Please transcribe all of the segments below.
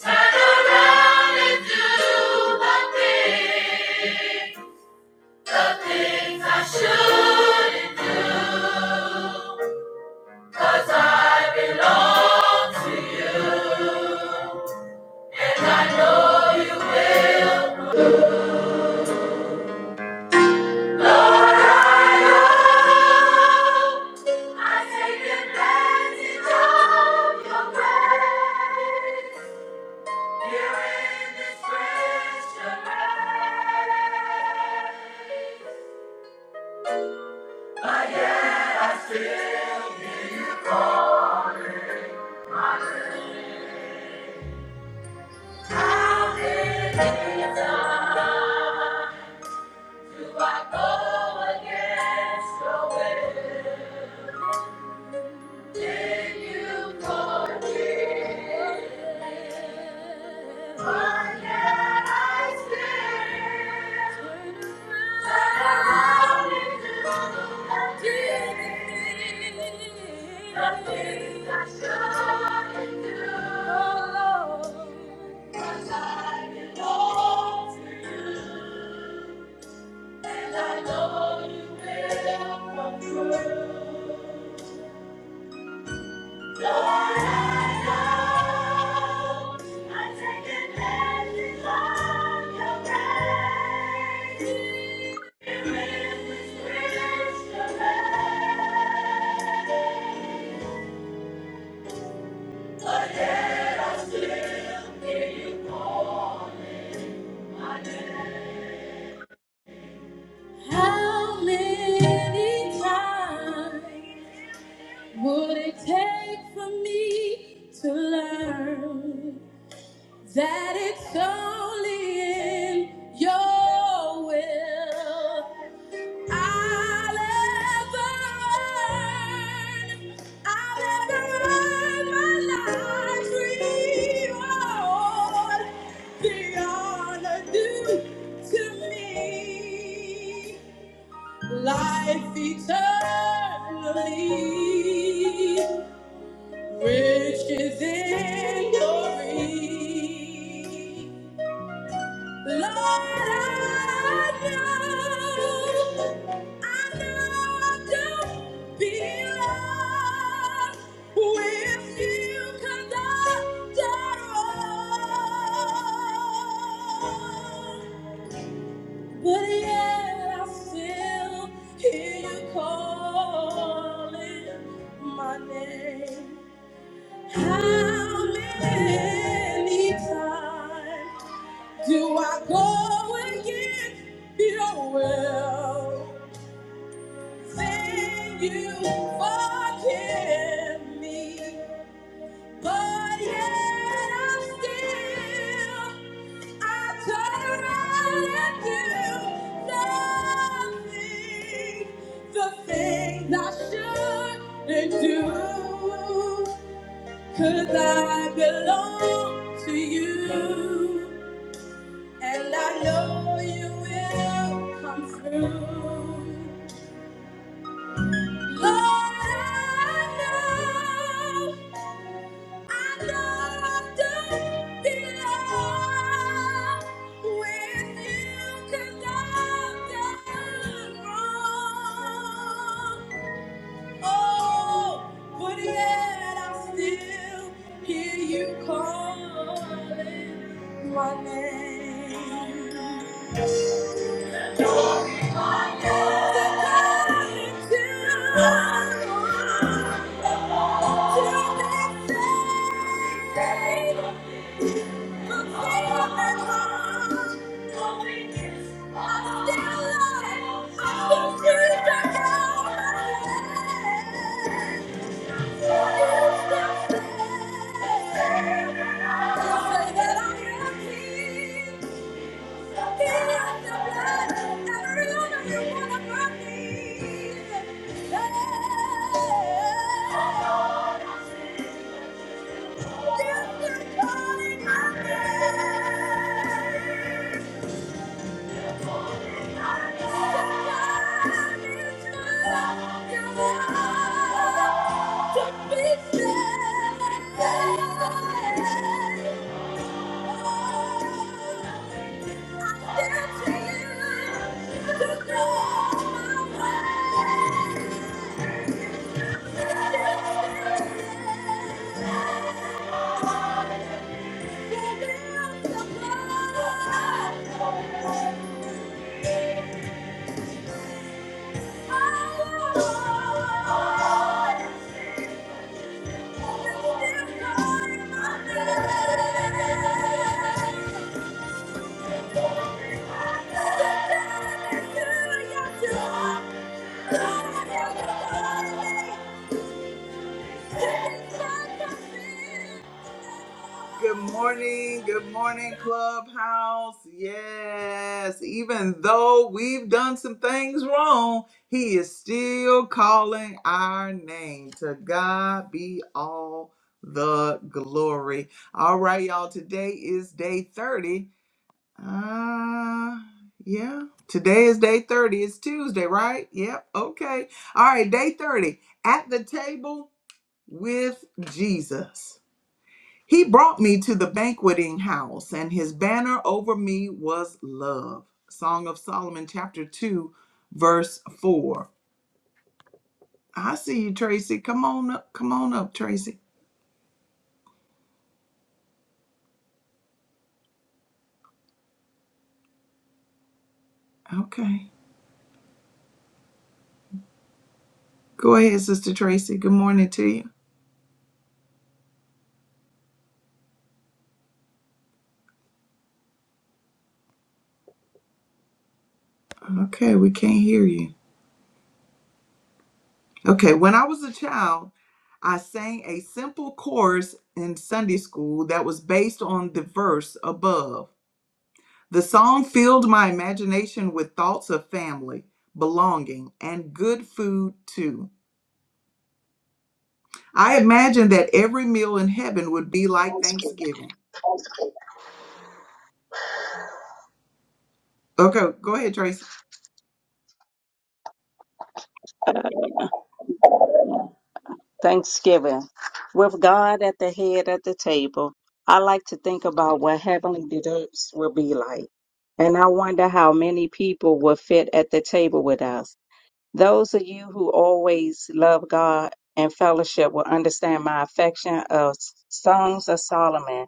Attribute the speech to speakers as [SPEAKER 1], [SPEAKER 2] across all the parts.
[SPEAKER 1] Turn around and do the thing, the things I shouldn't do. 'Cause I belong to you, and I know you will. Lord, I know I take advantage of your grace. Do I go against your will? I know you will come through. How many times would it take for me to learn? that it's only in your will. I'll ever earn, I'll ever earn my life's reward. The honor due to me, life eternally, riches in glory. Lord, I know, I know I don't belong with you 'cause I don't belong. But yet I still hear you calling my name. How many times? Do I go against your will? Then you forgive me. But yet I still, I turn around and do nothing. The things I shouldn't do, 'cause I belong to you. And I know you will come through. Lord, I know, I know i don't belong With you, 'cause I've done wrong. Oh, but yet I still hear you calling my name. Thank you. Yeah. Thank you. Good morning, good morning, Clubhouse. Yes, even though we've done some things wrong, he is still calling our name. To God be all the glory. All right, y'all, today is day 30. Uh, yeah, today is day 30. It's Tuesday, right? Yep, okay. All right, day 30. At the table with Jesus. He brought me to the banqueting house, and his banner over me was love. Song of Solomon, chapter 2, verse 4. I see you, Tracy. Come on up. Come on up, Tracy. Okay. Go ahead, Sister Tracy. Good morning to you. Okay, we can't hear you. Okay, when I was a child, I sang a simple chorus in Sunday school that was based on the verse above. The song filled my imagination with thoughts of family, belonging, and good food too. I imagined that every meal in heaven would be like
[SPEAKER 2] Thanksgiving.
[SPEAKER 1] Thanksgiving. Okay, go ahead, Tracy.
[SPEAKER 2] Uh, Thanksgiving. With God at the head of the table, I like to think about what heavenly desserts will be like. And I wonder how many people will fit at the table with us. Those of you who always love God and fellowship will understand my affection of Songs of Solomon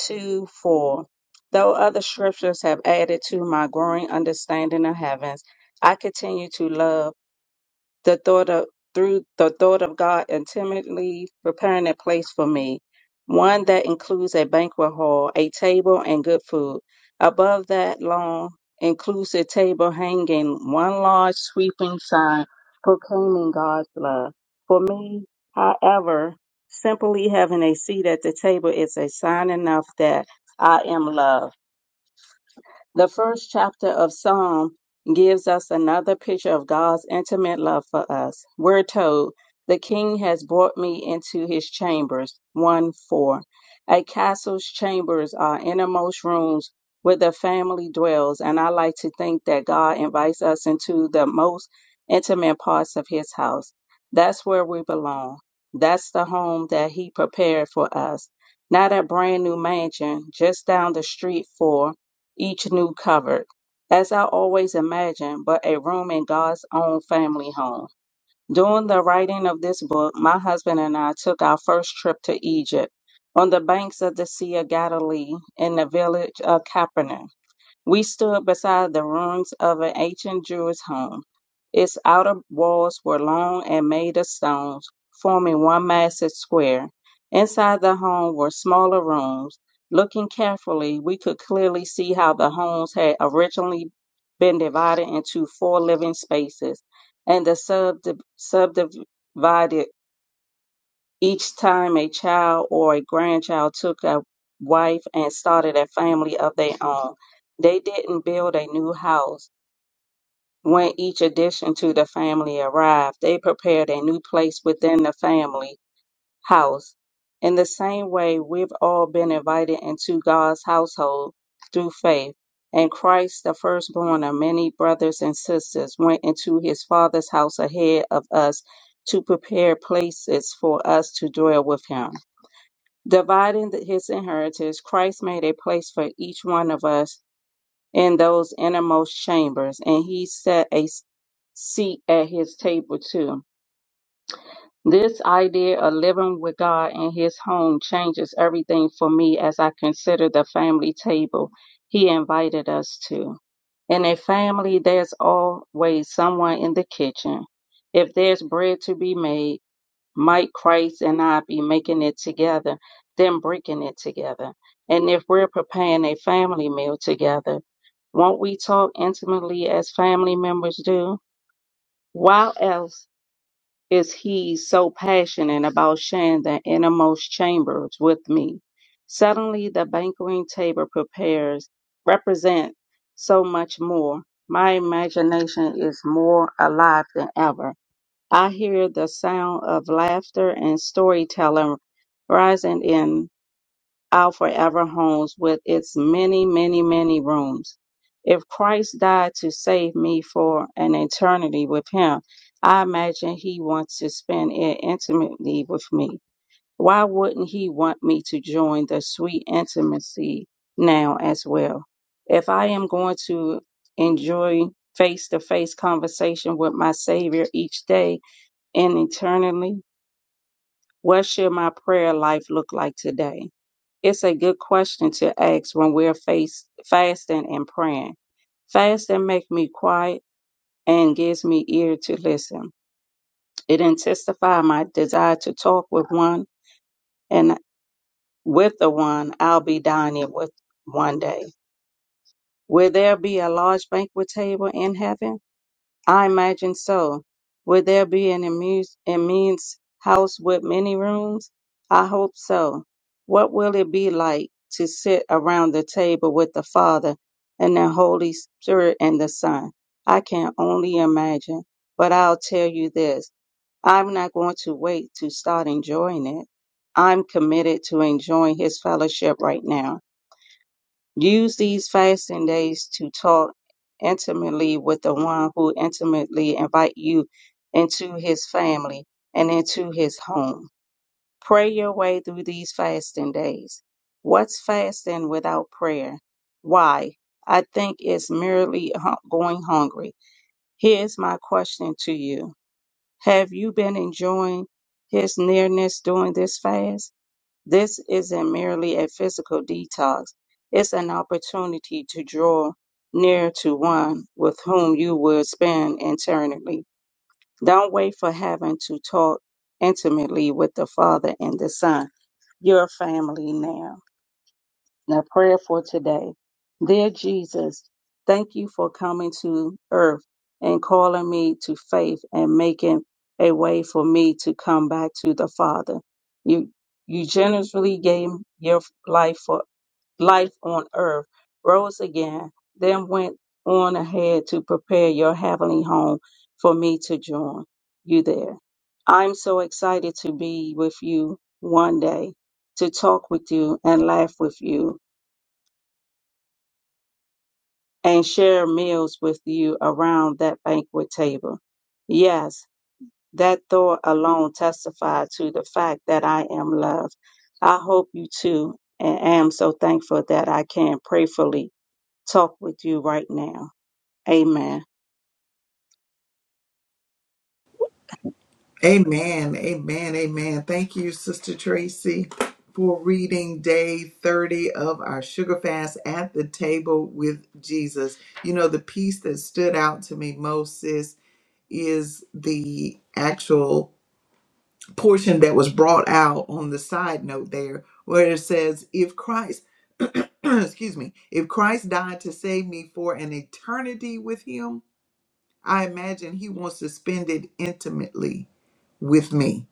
[SPEAKER 2] 2 4. Though other scriptures have added to my growing understanding of heavens, I continue to love. the thought of through the thought of God intimately preparing a place for me, one that includes a banquet hall, a table, and good food. Above that long, inclusive table hanging one large sweeping sign proclaiming God's love. For me, however, simply having a seat at the table is a sign enough that I am loved. The first chapter of Psalm gives us another picture of God's intimate love for us. We're told, The king has brought me into his chambers. 1 4. A castle's chambers are innermost rooms where the family dwells, and I like to think that God invites us into the most intimate parts of his house. That's where we belong. That's the home that he prepared for us. Not a brand new mansion just down the street for each new cupboard, as I always imagined, but a room in God's own family home. During the writing of this book, my husband and I took our first trip to Egypt on the banks of the Sea of Galilee in the village of Capernaum. We stood beside the ruins of an ancient Jewish home. Its outer walls were long and made of stones, forming one massive square. Inside the home were smaller rooms. Looking carefully, we could clearly see how the homes had originally been divided into four living spaces and the subdiv- subdivided each time a child or a grandchild took a wife and started a family of their own, they didn't build a new house. When each addition to the family arrived, they prepared a new place within the family house. In the same way, we've all been invited into God's household through faith. And Christ, the firstborn of many brothers and sisters, went into his Father's house ahead of us to prepare places for us to dwell with him. Dividing the- his inheritance, Christ made a place for each one of us in those innermost chambers, and he set a s- seat at his table too. This idea of living with God in his home changes everything for me as I consider the family table he invited us to. In a family, there's always someone in the kitchen. If there's bread to be made, might Christ and I be making it together, then breaking it together. And if we're preparing a family meal together, won't we talk intimately as family members do? Why else is he so passionate about sharing the innermost chambers with me? Suddenly, the banqueting table prepares represent so much more. My imagination is more alive than ever I hear the sound of laughter and storytelling rising in our forever homes with its many, many, many rooms. If Christ died to save me for an eternity with him, I imagine he wants to spend it intimately with me. Why wouldn't he want me to join the sweet intimacy now as well? If I am going to enjoy face to face conversation with my Savior each day, and eternally? What should my prayer life look like today? It's a good question to ask when we're face, fasting and praying. Fasting makes me quiet and gives me ear to listen. It intensifies my desire to talk with one and with the one I'll be dining with one day. Will there be a large banquet table in heaven? I imagine so. Would there be an amuse, immense house with many rooms? I hope so. What will it be like to sit around the table with the Father and the Holy Spirit and the Son? I can only imagine. But I'll tell you this I'm not going to wait to start enjoying it. I'm committed to enjoying His fellowship right now. Use these fasting days to talk intimately with the one who intimately invite you into his family and into his home. Pray your way through these fasting days. What's fasting without prayer? Why? I think it's merely hu- going hungry. Here's my question to you. Have you been enjoying his nearness during this fast? This isn't merely a physical detox, it's an opportunity to draw near to one with whom you would spend eternity. Don't wait for heaven to talk intimately with the Father and the Son, your family now. Now, prayer for today. Dear Jesus, thank you for coming to earth and calling me to faith and making a way for me to come back to the Father. You, you generously gave your life for life on earth, rose again, then went on ahead to prepare your heavenly home for me to join you there. I'm so excited to be with you one day, to talk with you and laugh with you and share meals with you around that banquet table. Yes, that thought alone testified to the fact that I am loved. I hope you too, and am so thankful that I can prayerfully talk with you right now. Amen.
[SPEAKER 1] Amen, amen, amen. Thank you, Sister Tracy, for reading day 30 of our sugar fast at the table with Jesus. You know, the piece that stood out to me most, sis, is the actual portion that was brought out on the side note there where it says if Christ excuse me if Christ died to save me for an eternity with him I imagine he wants to spend it intimately with me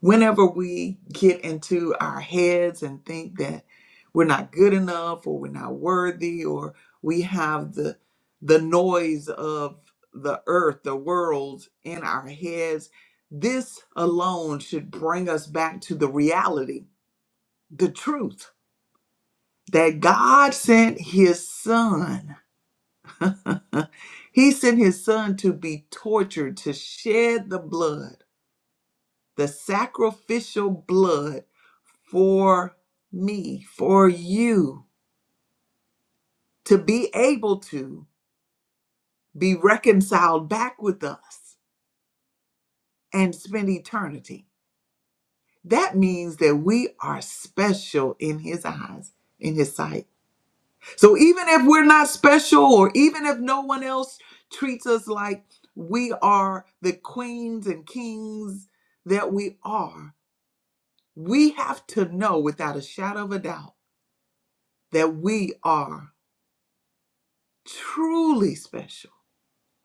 [SPEAKER 1] Whenever we get into our heads and think that we're not good enough or we're not worthy or we have the the noise of the earth, the world in our heads, this alone should bring us back to the reality, the truth that God sent his son. he sent his son to be tortured, to shed the blood, the sacrificial blood for me, for you to be able to be reconciled back with us and spend eternity. That means that we are special in His eyes, in His sight. So even if we're not special, or even if no one else treats us like we are the queens and kings that we are, we have to know without a shadow of a doubt that we are truly special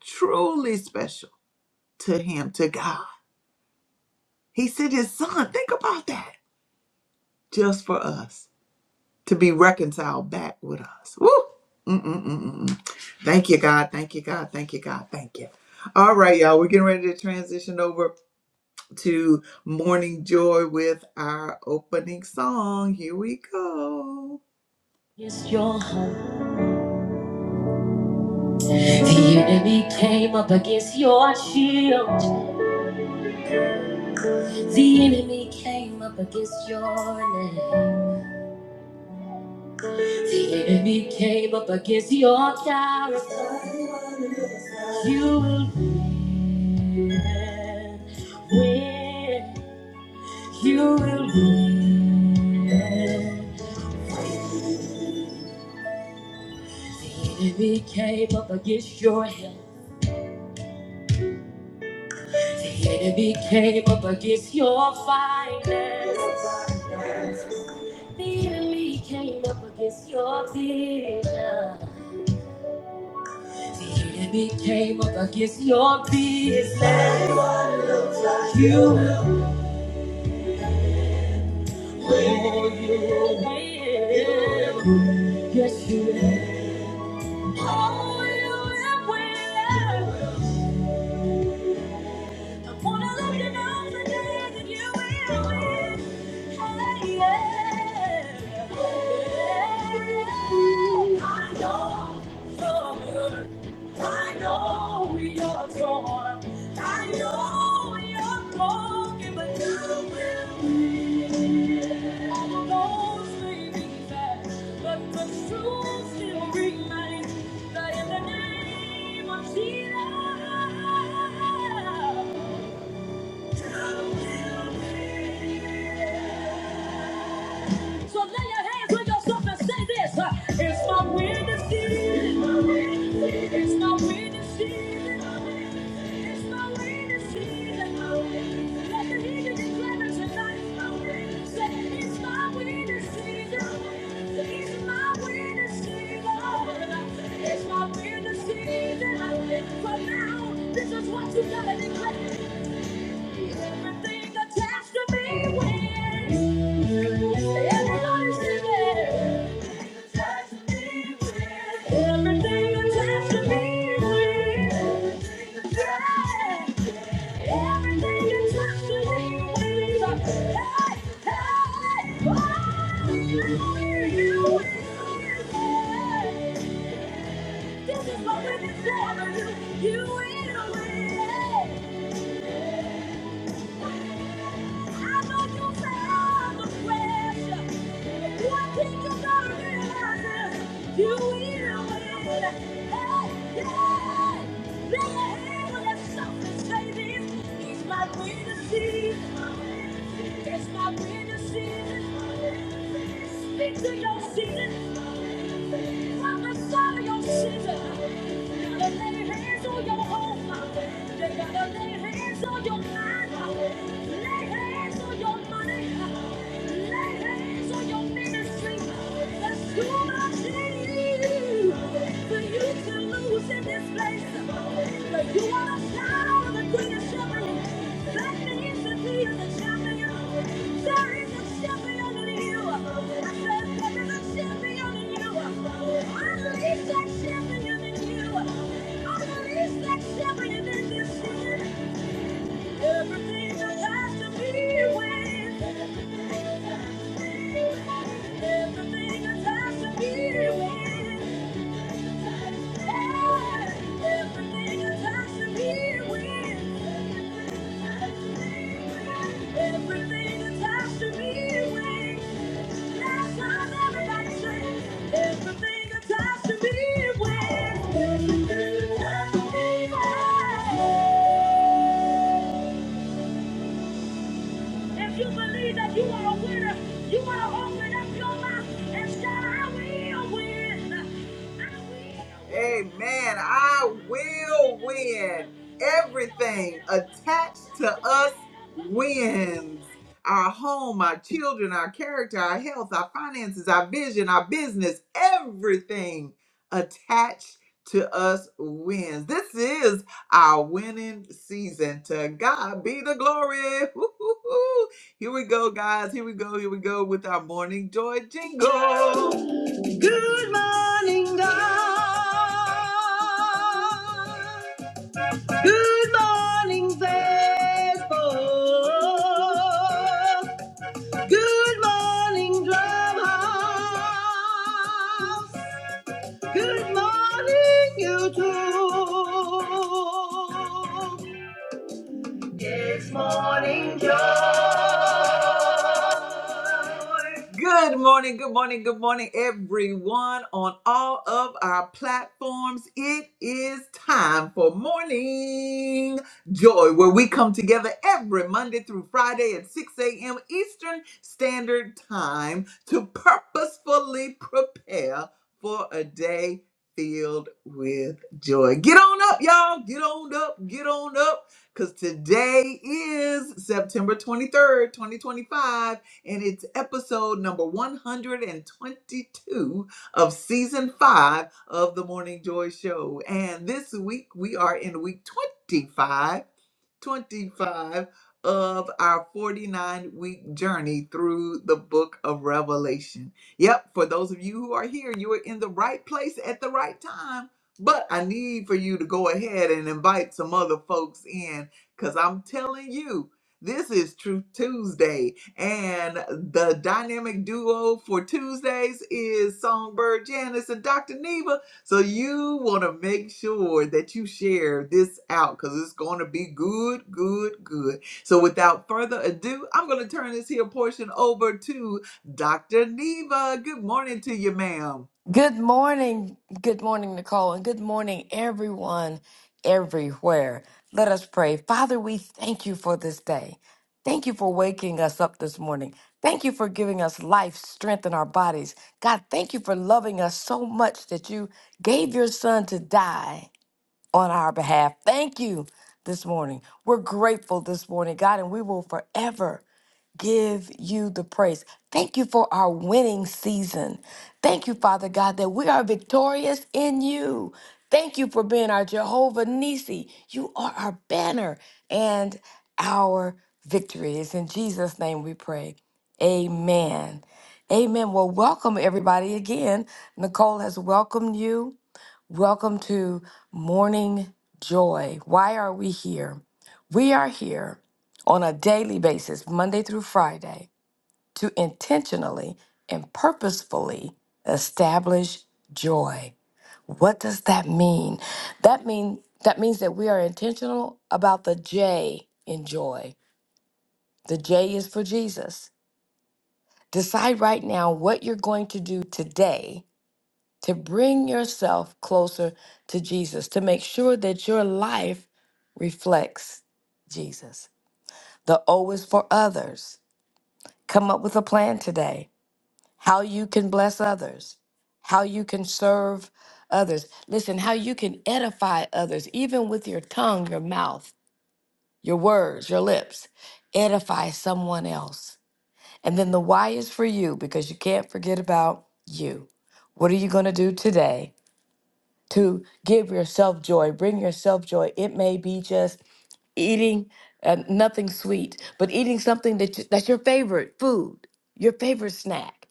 [SPEAKER 1] truly special to him, to God. He sent his son, think about that, just for us to be reconciled back with us. Woo! Mm-mm-mm-mm. Thank you, God. Thank you, God. Thank you, God. Thank you. All right, y'all. We're getting ready to transition over to Morning Joy with our opening song. Here we go. Against your home. The enemy came up against your shield. The enemy came up against your name. The enemy came up against your character. You will win. Win. You will win. The enemy came up against your health. The enemy came up against your finances. The enemy came up against your business. The enemy came up against your business. You will Oh, yeah. yeah. Yes, you will. Oh, you will. I wanna love you know today that you will. Hey, yeah. I know you're good. I know you're torn. I know you're broken, but you will win. Those may be fast, but the truth still remains that in the name of Jesus. Yes, uh, it's my witness, it's my witness, it's my witness. Let the healing declare it tonight. Say it's my witness, it's my witness. It's not been the season. For now, this is what you gotta declare. Everything attached to me wins. Everybody sing it. Attached to me wins. Everything attached to me wins. Yeah. Everything attached to me wins. Hey, hey, oh, you win. This is what we've been saying. for You You will win. I know you found the pressure. One thing you gotta realize is you will win. Hey, yeah. Lay your hand on yourself and say this. It's my winning season. It's my winning season. Speak to your season. I'm the your season. lay hands on your home. You gotta lay hands on your mind. Lay hands on your money. Lay hands on your ministry. That's too much in you. for you to lose. it this place. But you want to shout over the Queen of Sheba. Blessed is the Queen of the champion. There is a champion in you. I said there is a champion in you. I release that champion in you. I release that champion in this season. Everything that has to be wins. Everything that has to be wins. Everything attached to me wins. If you believe that you are a winner, you want to open up your mouth and shout, I will win. I will. Amen. I will win. Everything attached to us wins. Our home, our children, our character, our health, our finances, our vision, our business, everything attached to us wins. This is our winning season. To God be the glory. Here we go, guys. Here we go. Here we go with our morning joy jingle. Good morning, God. Good morning, Facebook. Good morning, Drumhouse. Good morning, YouTube. It's morning joy. Good morning, good morning, good morning, everyone on all of our platforms. It is time for morning joy, where we come together every Monday through Friday at 6 a.m. Eastern Standard Time to purposefully prepare for a day filled with joy. Get on up, y'all. Get on up. Get on up because today is September 23rd, 2025, and it's episode number 122 of season five of the Morning Joy Show. And this week we are in week 25 25 of our 49 week journey through the book of Revelation. Yep, for those of you who are here, you are in the right place at the right time. But I need for you to go ahead and invite some other folks in because I'm telling you, this is Truth Tuesday. And the dynamic duo for Tuesdays is Songbird Janice and Dr. Neva. So you want to make sure that you share this out because it's going to be good, good, good. So without further ado, I'm going to turn this here portion over to Dr. Neva. Good morning to you, ma'am.
[SPEAKER 3] Good morning. Good morning, Nicole, and good morning, everyone, everywhere. Let us pray. Father, we thank you for this day. Thank you for waking us up this morning. Thank you for giving us life, strength in our bodies. God, thank you for loving us so much that you gave your son to die on our behalf. Thank you this morning. We're grateful this morning, God, and we will forever give you the praise. Thank you for our winning season. Thank you, Father God, that we are victorious in you. Thank you for being our Jehovah Nissi. You are our banner and our victory. It's in Jesus' name we pray. Amen. Amen. Well, welcome everybody again. Nicole has welcomed you. Welcome to Morning Joy. Why are we here? We are here on a daily basis, Monday through Friday, to intentionally and purposefully establish joy. What does that mean? That mean that means that we are intentional about the J in joy. The J is for Jesus. Decide right now what you're going to do today to bring yourself closer to Jesus, to make sure that your life reflects Jesus. The O is for others. Come up with a plan today, how you can bless others, how you can serve others. Listen, how you can edify others, even with your tongue, your mouth, your words, your lips. Edify someone else. And then the Y is for you because you can't forget about you. What are you going to do today? to give yourself joy. Bring yourself joy. It may be just eating uh, nothing sweet, but eating something that you, that's your favorite food, your favorite snack.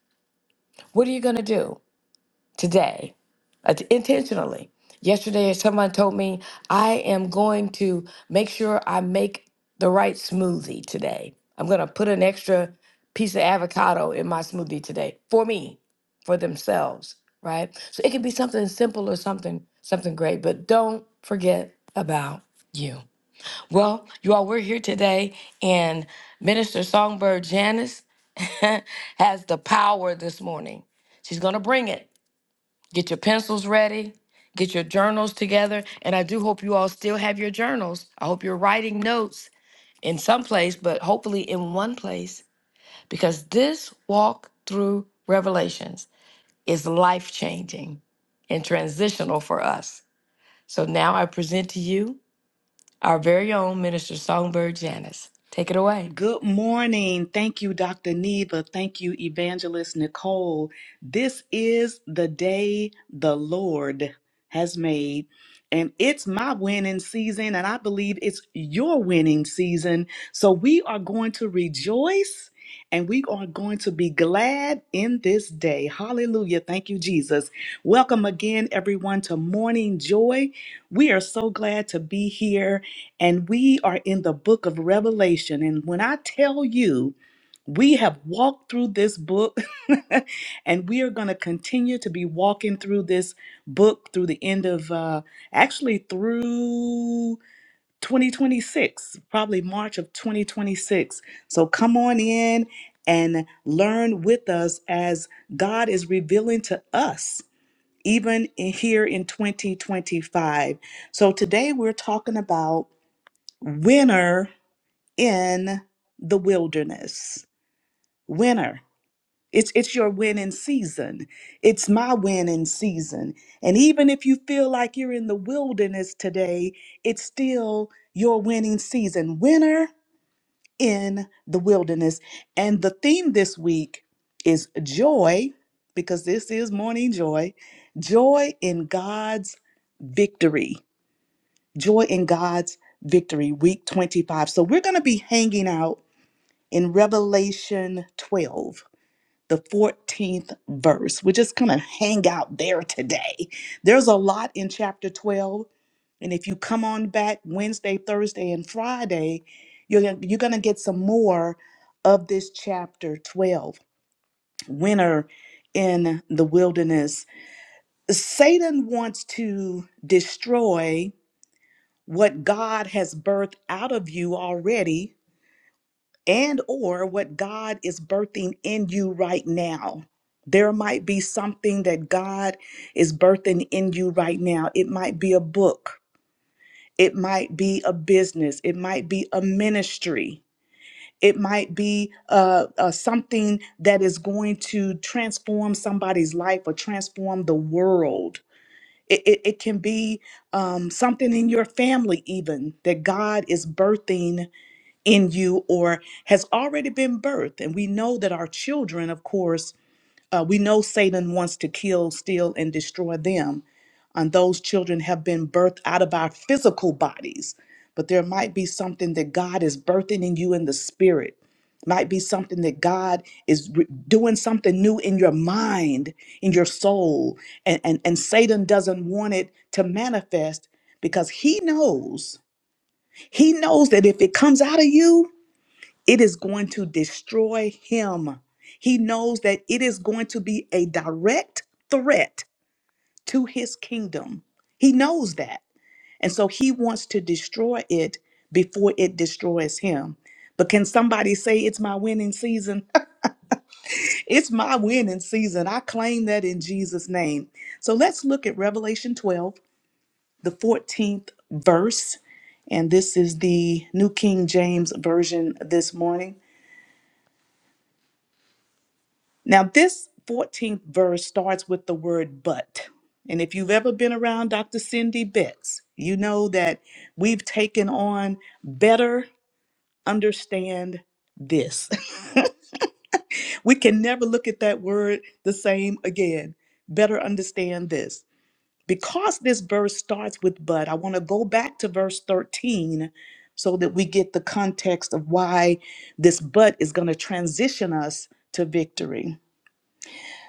[SPEAKER 3] What are you going to do today? uh, intentionally. Yesterday, someone told me, I am going to make sure I make the right smoothie today. I'm going to put an extra piece of avocado in my smoothie today for me, for themselves, right? So it can be something simple or something something great, but don't forget about you. Well, you all, we're here today, and Minister Songbird Janice has the power this morning. She's going to bring it. Get your pencils ready. Get your journals together. And I do hope you all still have your journals. I hope you're writing notes in some place, but hopefully in one place, because this walk through Revelations is life changing and transitional for us. So now I present to you our very own Minister Songbird Janice. Take it away.
[SPEAKER 4] Good morning. Thank you, Dr. Neva. Thank you, Evangelist Nicole. This is the day the Lord has made, and it's my winning season, and I believe it's your winning season. So we are going to rejoice and we are going to be glad in this day. Hallelujah. Thank you, Jesus. Welcome again, everyone, to Morning Joy. We are so glad to be here and we are in the book of Revelation. And when I tell you, we have walked through this book, and we are going to continue to be walking through this book through the end of uh, actually through 2026, probably March of 2026. So come on in and learn with us as God is revealing to us, even in, here in 2025. So today we're talking about winner in the wilderness. Winner. It's it's your winning season. It's my winning season. And even if you feel like you're in the wilderness today, it's still your winning season. Winner in the wilderness. And the theme this week is joy because this is morning joy. Joy in God's victory. Joy in God's victory week 25. So we're going to be hanging out in Revelation 12, the 14th verse. We're just going to hang out there today. There's a lot in chapter 12. And if you come on back Wednesday, Thursday, and Friday, you're, gonna- you're going to get some more of this chapter 12 winter in the wilderness. Satan wants to destroy what God has birthed out of you already and or what God is birthing in you right now. There might be something that God is birthing in you right now. It might be a book. It might be a business. It might be a ministry. It might be uh, uh, something that is going to transform somebody's life or transform the world. It, it, it can be um, something in your family, even that God is birthing in you or has already been birthed. And we know that our children, of course, uh, we know Satan wants to kill, steal, and destroy them. And those children have been birthed out of our physical bodies. But there might be something that God is birthing in you in the spirit. Might be something that God is re- doing something new in your mind, in your soul. And, and, and Satan doesn't want it to manifest because he knows, he knows that if it comes out of you, it is going to destroy him. He knows that it is going to be a direct threat to his kingdom. He knows that. And so he wants to destroy it before it destroys him. But can somebody say, It's my winning season? it's my winning season. I claim that in Jesus' name. So let's look at Revelation 12, the 14th verse. And this is the New King James Version this morning. Now, this 14th verse starts with the word but. And if you've ever been around Dr. Cindy Betts, you know that we've taken on better understand this. we can never look at that word the same again. Better understand this. Because this verse starts with but, I want to go back to verse 13 so that we get the context of why this but is going to transition us to victory.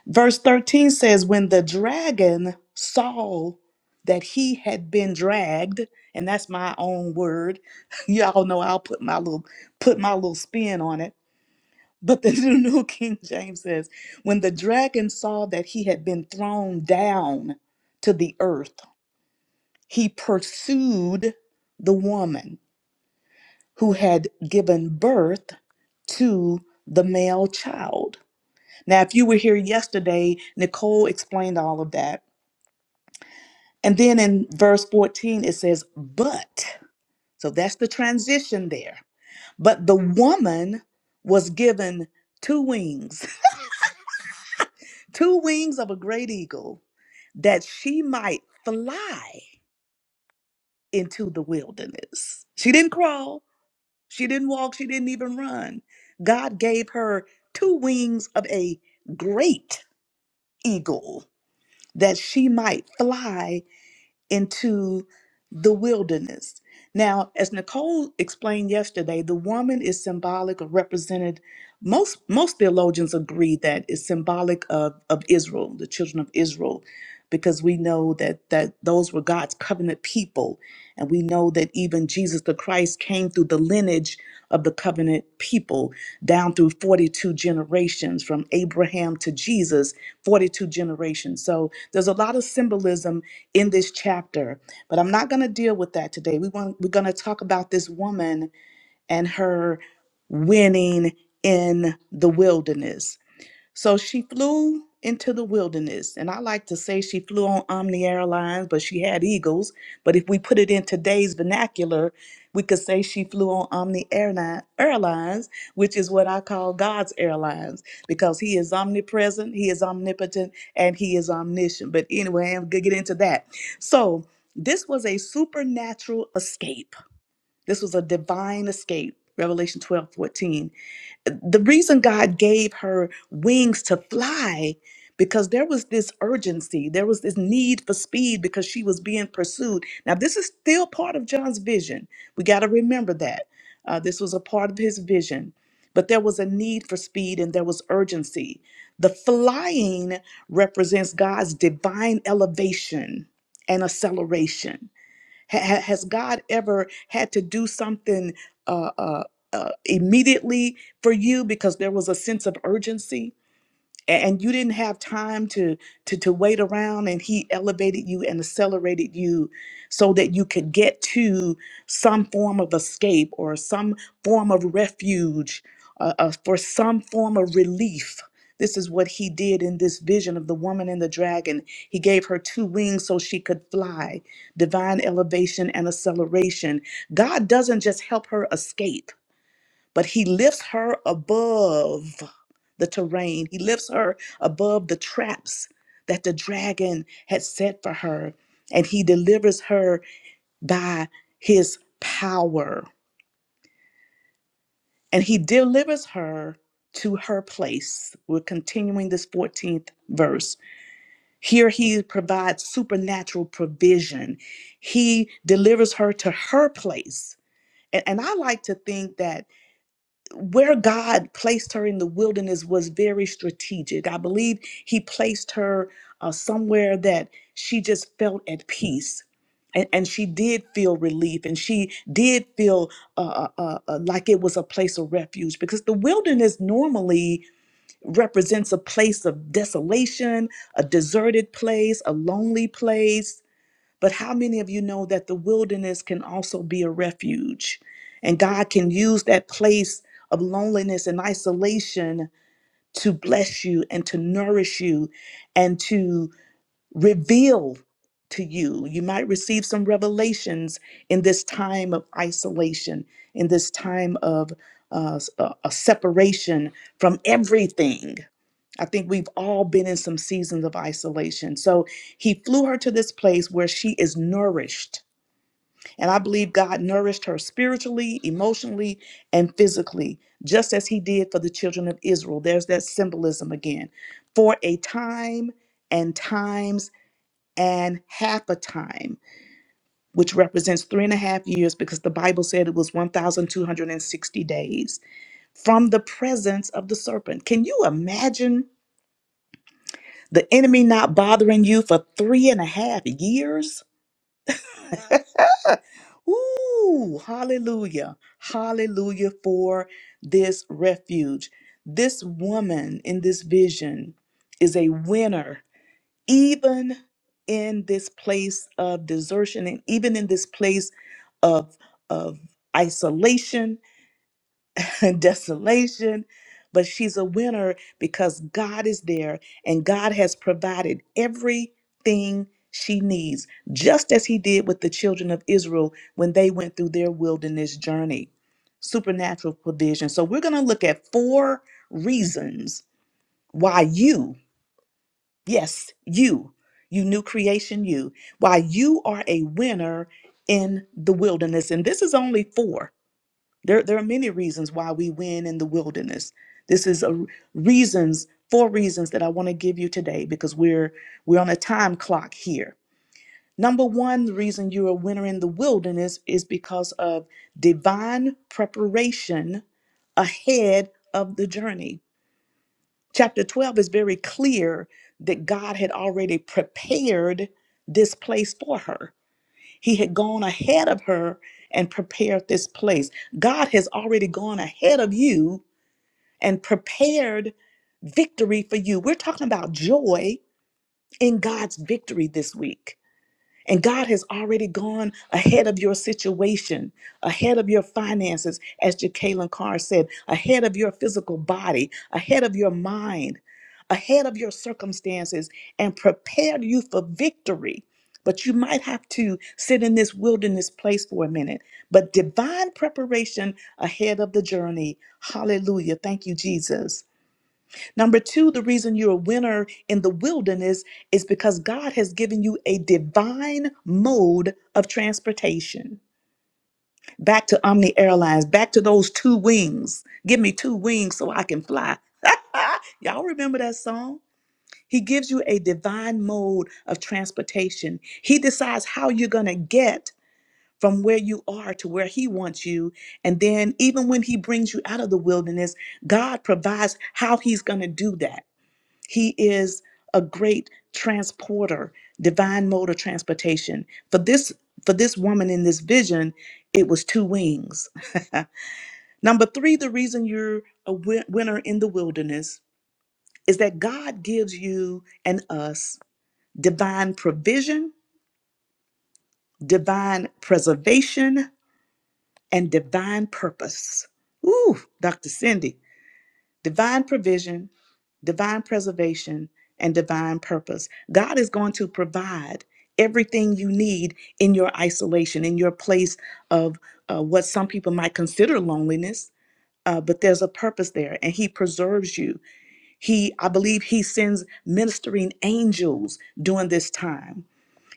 [SPEAKER 4] Verse 13 says, When the dragon saw that he had been dragged, and that's my own word. Y'all know I'll put my little put my little spin on it. But the New King James says, When the dragon saw that he had been thrown down to the earth, he pursued the woman who had given birth to the male child. Now, if you were here yesterday, Nicole explained all of that And then in verse 14, it says, But, so that's the transition there. But the woman was given two wings, two wings of a great eagle, that she might fly into the wilderness. She didn't crawl, she didn't walk, she didn't even run. God gave her two wings of a great eagle that she might fly into the wilderness. Now, as Nicole explained yesterday, the woman is symbolic or represented. Most most theologians agree that it's symbolic of, of Israel, the children of Israel, because we know that that those were God's covenant people. And we know that even Jesus the Christ came through the lineage of the covenant people down through 42 generations from Abraham to Jesus, 42 generations. So there's a lot of symbolism in this chapter but i'm not going to deal with that today we want we're going to talk about this woman and her winning in the wilderness so she flew into the wilderness. And I like to say she flew on Omni Airlines, but she had eagles. But if we put it in today's vernacular, we could say she flew on Omni Airline, Airlines, which is what I call God's Airlines, because He is omnipresent, He is omnipotent, and He is omniscient. But anyway, I'm going to get into that. So this was a supernatural escape. This was a divine escape, Revelation 12 14 the reason God gave her wings to fly because there was this urgency, there was this need for speed because she was being pursued. Now, this is still part of John's vision. We got to remember that. Uh, this was a part of his vision, but there was a need for speed and there was urgency. The flying represents God's divine elevation and acceleration Ha- ha- has God ever had to do something uh, uh, uh, immediately for you because there was a sense of urgency? a- and you didn't have time to to to wait around and he elevated you and accelerated you so that you could get to some form of escape or some form of refuge uh, uh, for some form of relief this is what he did in this vision of the woman and the dragon he gave her two wings so she could fly divine elevation and acceleration god doesn't just help her escape but he lifts her above the terrain. He lifts her above the traps that the dragon had set for her, and he delivers her by his power. And he delivers her to her place. We're continuing this 14th verse. Here he provides supernatural provision. He delivers her to her place. And, and I like to think that where God placed her in the wilderness was very strategic. I believe He placed her uh, somewhere that she just felt at peace. And, and she did feel relief and she did feel uh, uh, uh, uh, like it was a place of refuge because the wilderness normally represents a place of desolation, a deserted place, a lonely place but how many of you know that the wilderness can also be a refuge? And God can use that place of loneliness and isolation to bless you and to nourish you and to reveal to you. You might receive some revelations in this time of isolation, in this time of uh, s- a a separation from everything. I think we've all been in some seasons of isolation. So he flew her to this place where she is nourished. And I believe God nourished her spiritually, emotionally, and physically, just as he did for the children of Israel. There's that symbolism again. For a time and times and half a time, which represents three and a half years because the Bible said it was 1,260 days from the presence of the serpent. Can you imagine? The enemy not bothering you for three and a half years. Ooh, hallelujah. Hallelujah for this refuge. This woman in this vision is a winner, even in this place of desertion and even in this place of, of isolation and desolation, but she's a winner because God is there and God has provided everything she needs, just as He did with the children of Israel when they went through their wilderness journey. Supernatural provision. So, we're going to look at four reasons why you, yes, you, you new creation, you, why you are a winner in the wilderness. And this is only four. There, there are many reasons why we win in the wilderness. This is a reasons, four reasons that I want to give you today because we're we're on a time clock here. Number one, the reason you're a winner in the wilderness is because of divine preparation ahead of the journey. Chapter 12 is very clear that God had already prepared this place for her. He had gone ahead of her and prepared this place. God has already gone ahead of you and prepared victory for you. We're talking about joy in God's victory this week. And God has already gone ahead of your situation, ahead of your finances, as Jacqueline Carr said, ahead of your physical body, ahead of your mind, ahead of your circumstances, and prepared you for victory. But you might have to sit in this wilderness place for a minute. But divine preparation ahead of the journey. Hallelujah. Thank you, Jesus. Number two, the reason you're a winner in the wilderness is because God has given you a divine mode of transportation. Back to Omni Airlines, back to those two wings. Give me two wings so I can fly. Y'all remember that song? He gives you a divine mode of transportation. He decides how you're going to get from where you are to where He wants you. And then, even when He brings you out of the wilderness, God provides how He's going to do that. He is a great transporter, divine mode of transportation. For this for this woman in this vision, it was two wings. Number 3, the reason you're a win- winner in the wilderness is that God gives you and us divine provision, divine preservation, and divine purpose. Ooh, Dr. Cindy. divine provision, divine preservation, and divine purpose. God is going to provide everything you need in your isolation, in your place of uh, what some people might consider loneliness uh, but there's a purpose there and he preserves you he i believe he sends ministering angels during this time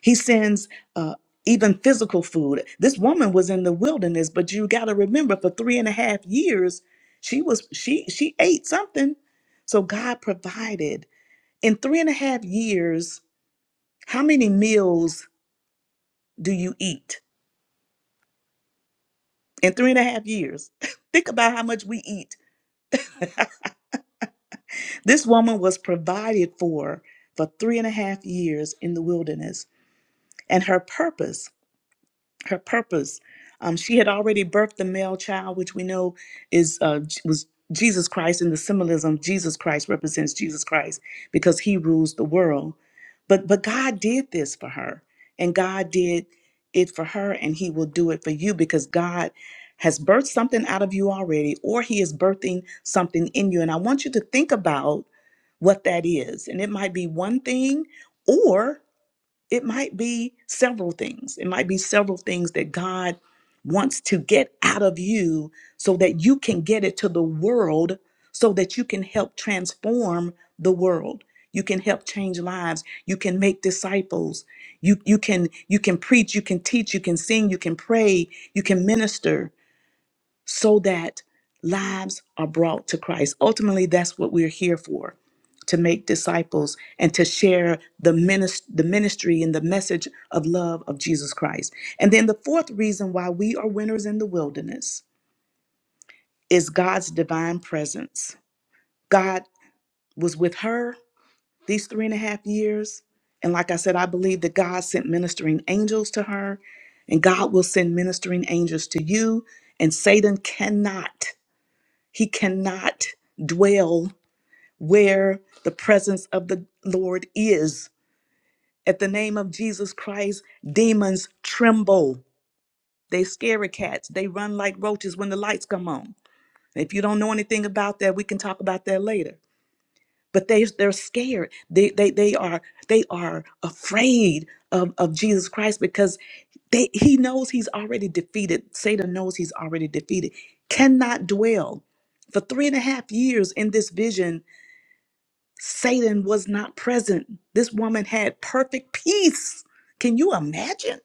[SPEAKER 4] he sends uh, even physical food this woman was in the wilderness but you got to remember for three and a half years she was she she ate something so god provided in three and a half years how many meals do you eat in three and a half years think about how much we eat This woman was provided for for three and a half years in the wilderness, and her purpose her purpose. Um, she had already birthed the male child, which we know is uh, J- was Jesus Christ, In the symbolism Jesus Christ represents Jesus Christ because he rules the world. But but God did this for her, and God did it for her, and He will do it for you because God has birthed something out of you already, or He is birthing something in you. And I want you to think about what that is, and it might be one thing, it might be several things. It might be several things that God wants to get out of you so that you can get it to the world, so that you can help transform the world. You can help change lives. You can make disciples. You, you can you can preach, you can teach, you can sing, you can pray, you can minister so that lives are brought to Christ. Ultimately, that's what we're here for to make disciples and to share the, minis- the ministry and the message of love of Jesus Christ. And then the fourth reason why we are winners in the wilderness is God's divine presence. God was with her these three and a half years. And like I said, I believe that God sent ministering angels to her, and God will send ministering angels to you, and Satan cannot. He cannot dwell where the presence of the Lord is. At the name of Jesus Christ, demons tremble. They scary cats. They run like roaches when the lights come on. If you don't know anything about that, we can talk about that later. But they they're scared. They they they are they are afraid of, of Jesus Christ because they he knows he's already defeated. Satan knows he's already defeated. Cannot dwell for three and a half years in this vision Satan was not present. This woman had perfect peace. Can you imagine?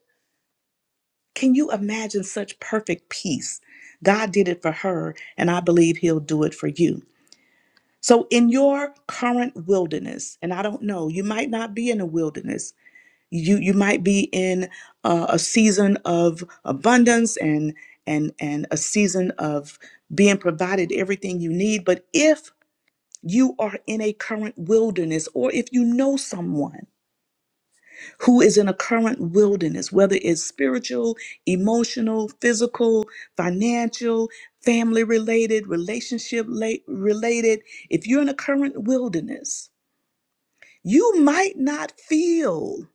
[SPEAKER 4] Can you imagine such perfect peace? God did it for her, and I believe He'll do it for you. So, in your current wilderness, and I don't know, you might not be in a wilderness. You you might be in a, a season of abundance and and and a season of being provided everything you need. But if you are in a current wilderness, or if you know someone who is in a current wilderness, whether it's spiritual, emotional, physical, financial, family related, relationship la- related, if you're in a current wilderness, you might not feel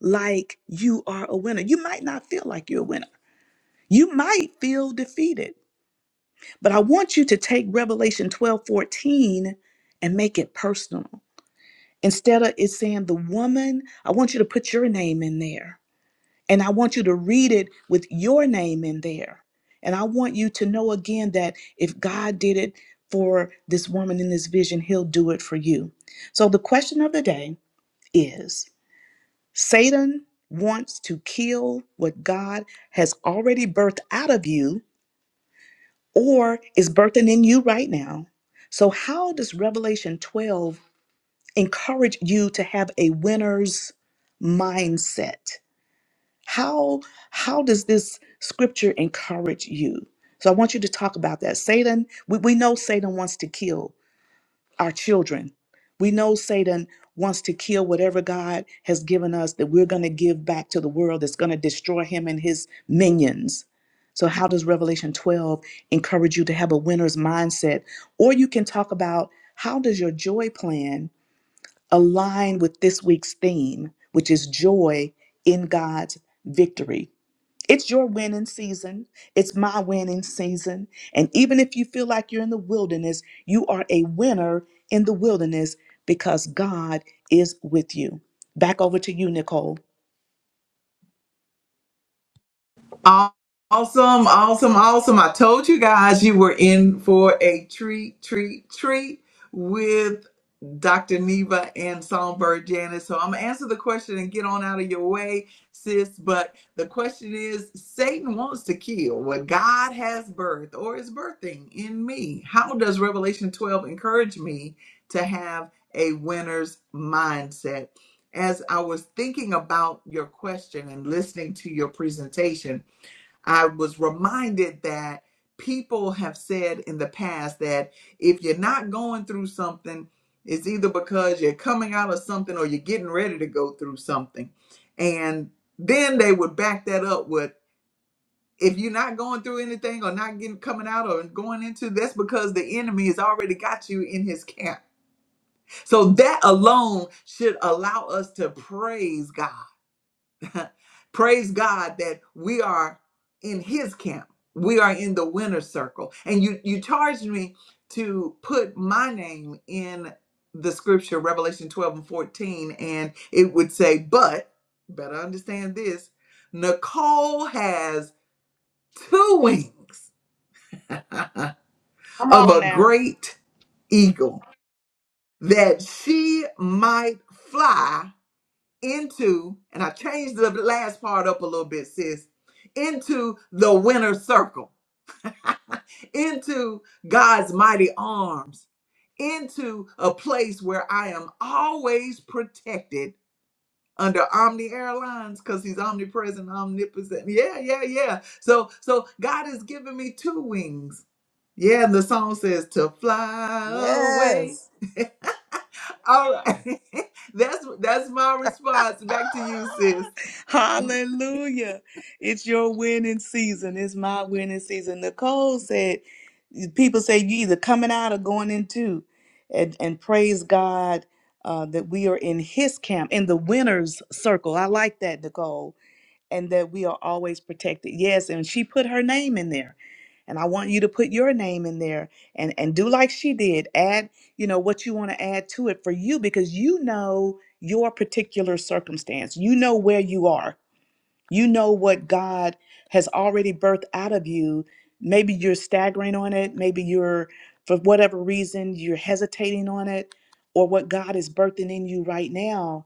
[SPEAKER 4] like you are a winner. You might not feel like you're a winner. You might feel defeated. But I want you to take Revelation 12 14 and make it personal. Instead of it saying the woman, I want you to put your name in there And I want you to read it with your name in there. And I want you to know again that if God did it for this woman in this vision, he'll do it for you. So the question of the day is Satan wants to kill what God has already birthed out of you or is birthing in you right now. So, how does Revelation 12 encourage you to have a winner's mindset? How how does this scripture encourage you? So I want you to talk about that. Satan, we, we know Satan wants to kill our children. We know Satan wants to kill whatever God has given us that we're going to give back to the world that's going to destroy him and his minions. So how does Revelation 12 encourage you to have a winner's mindset? Or you can talk about how does your joy plan align with this week's theme, which is joy in God's victory? It's your winning season. It's my winning season. And even if you feel like you're in the wilderness, you are a winner in the wilderness because God is with you. Back over to you, Nicole.
[SPEAKER 1] Awesome, awesome, awesome. I told you guys you were in for a treat, treat, treat with Dr. Neva and Songbird Janice. So I'm going to answer the question and get on out of your way, sis. But the question is Satan wants to kill what God has birthed or is birthing in me. How does Revelation 12 encourage me to have a winner's mindset? As I was thinking about your question and listening to your presentation, I was reminded that people have said in the past that if you're not going through something, it's either because you're coming out of something or you're getting ready to go through something. And then they would back that up with if you're not going through anything or not getting coming out or going into that's because the enemy has already got you in his camp. So that alone should allow us to praise God Praise God that we are in his camp. We are in the winner's circle. And you you charged me to put my name in the scripture, Revelation 12 and 14, and it would say, but better understand this, Nicole has two wings
[SPEAKER 4] Come
[SPEAKER 1] of
[SPEAKER 4] on
[SPEAKER 1] a
[SPEAKER 4] now.
[SPEAKER 1] great eagle that she might fly into, and I changed the last part up a little bit, sis, into the winner circle, into God's mighty arms, into a place where I am always protected under Omni Airlines because he's omnipresent, omnipotent. Yeah, yeah, yeah. So so God has given me two wings. Yeah, and the song says to fly away.
[SPEAKER 4] Yes.
[SPEAKER 1] All right. that's that's my response. Back to you, sis. Hahaha.
[SPEAKER 4] Hallelujah. It's your winning season. It's my winning season. Nicole said, people say you either coming out or going into. And, and praise God uh, that we are in his camp, in the winner's circle. I like that, Nicole and that we are always protected. Yes, and she put her name in there. And I want you to put your name in there and and do like she did. Add, you know, what you want to add to it for you because you know your particular circumstance. You know where you are. You know what God has already birthed out of you. Maybe you're staggering on it, maybe you're for whatever reason you're hesitating on it or what God is birthing in you right now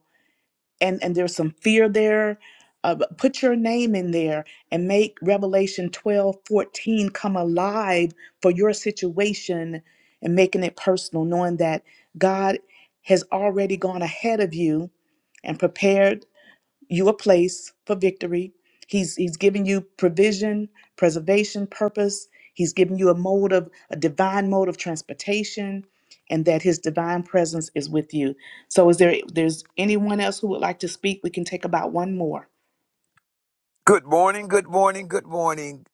[SPEAKER 4] and and there's some fear there uh, but put your name in there and make revelation 12 14 come alive for your situation and making it personal knowing that god has already gone ahead of you and prepared you a place for victory. He's he's giving you provision, preservation, purpose. He's giving you a mode of a divine mode of transportation, and that His divine presence is with you. So, is there there's anyone else who would like to speak? We can take about one more.
[SPEAKER 5] Good morning, good morning, good morning.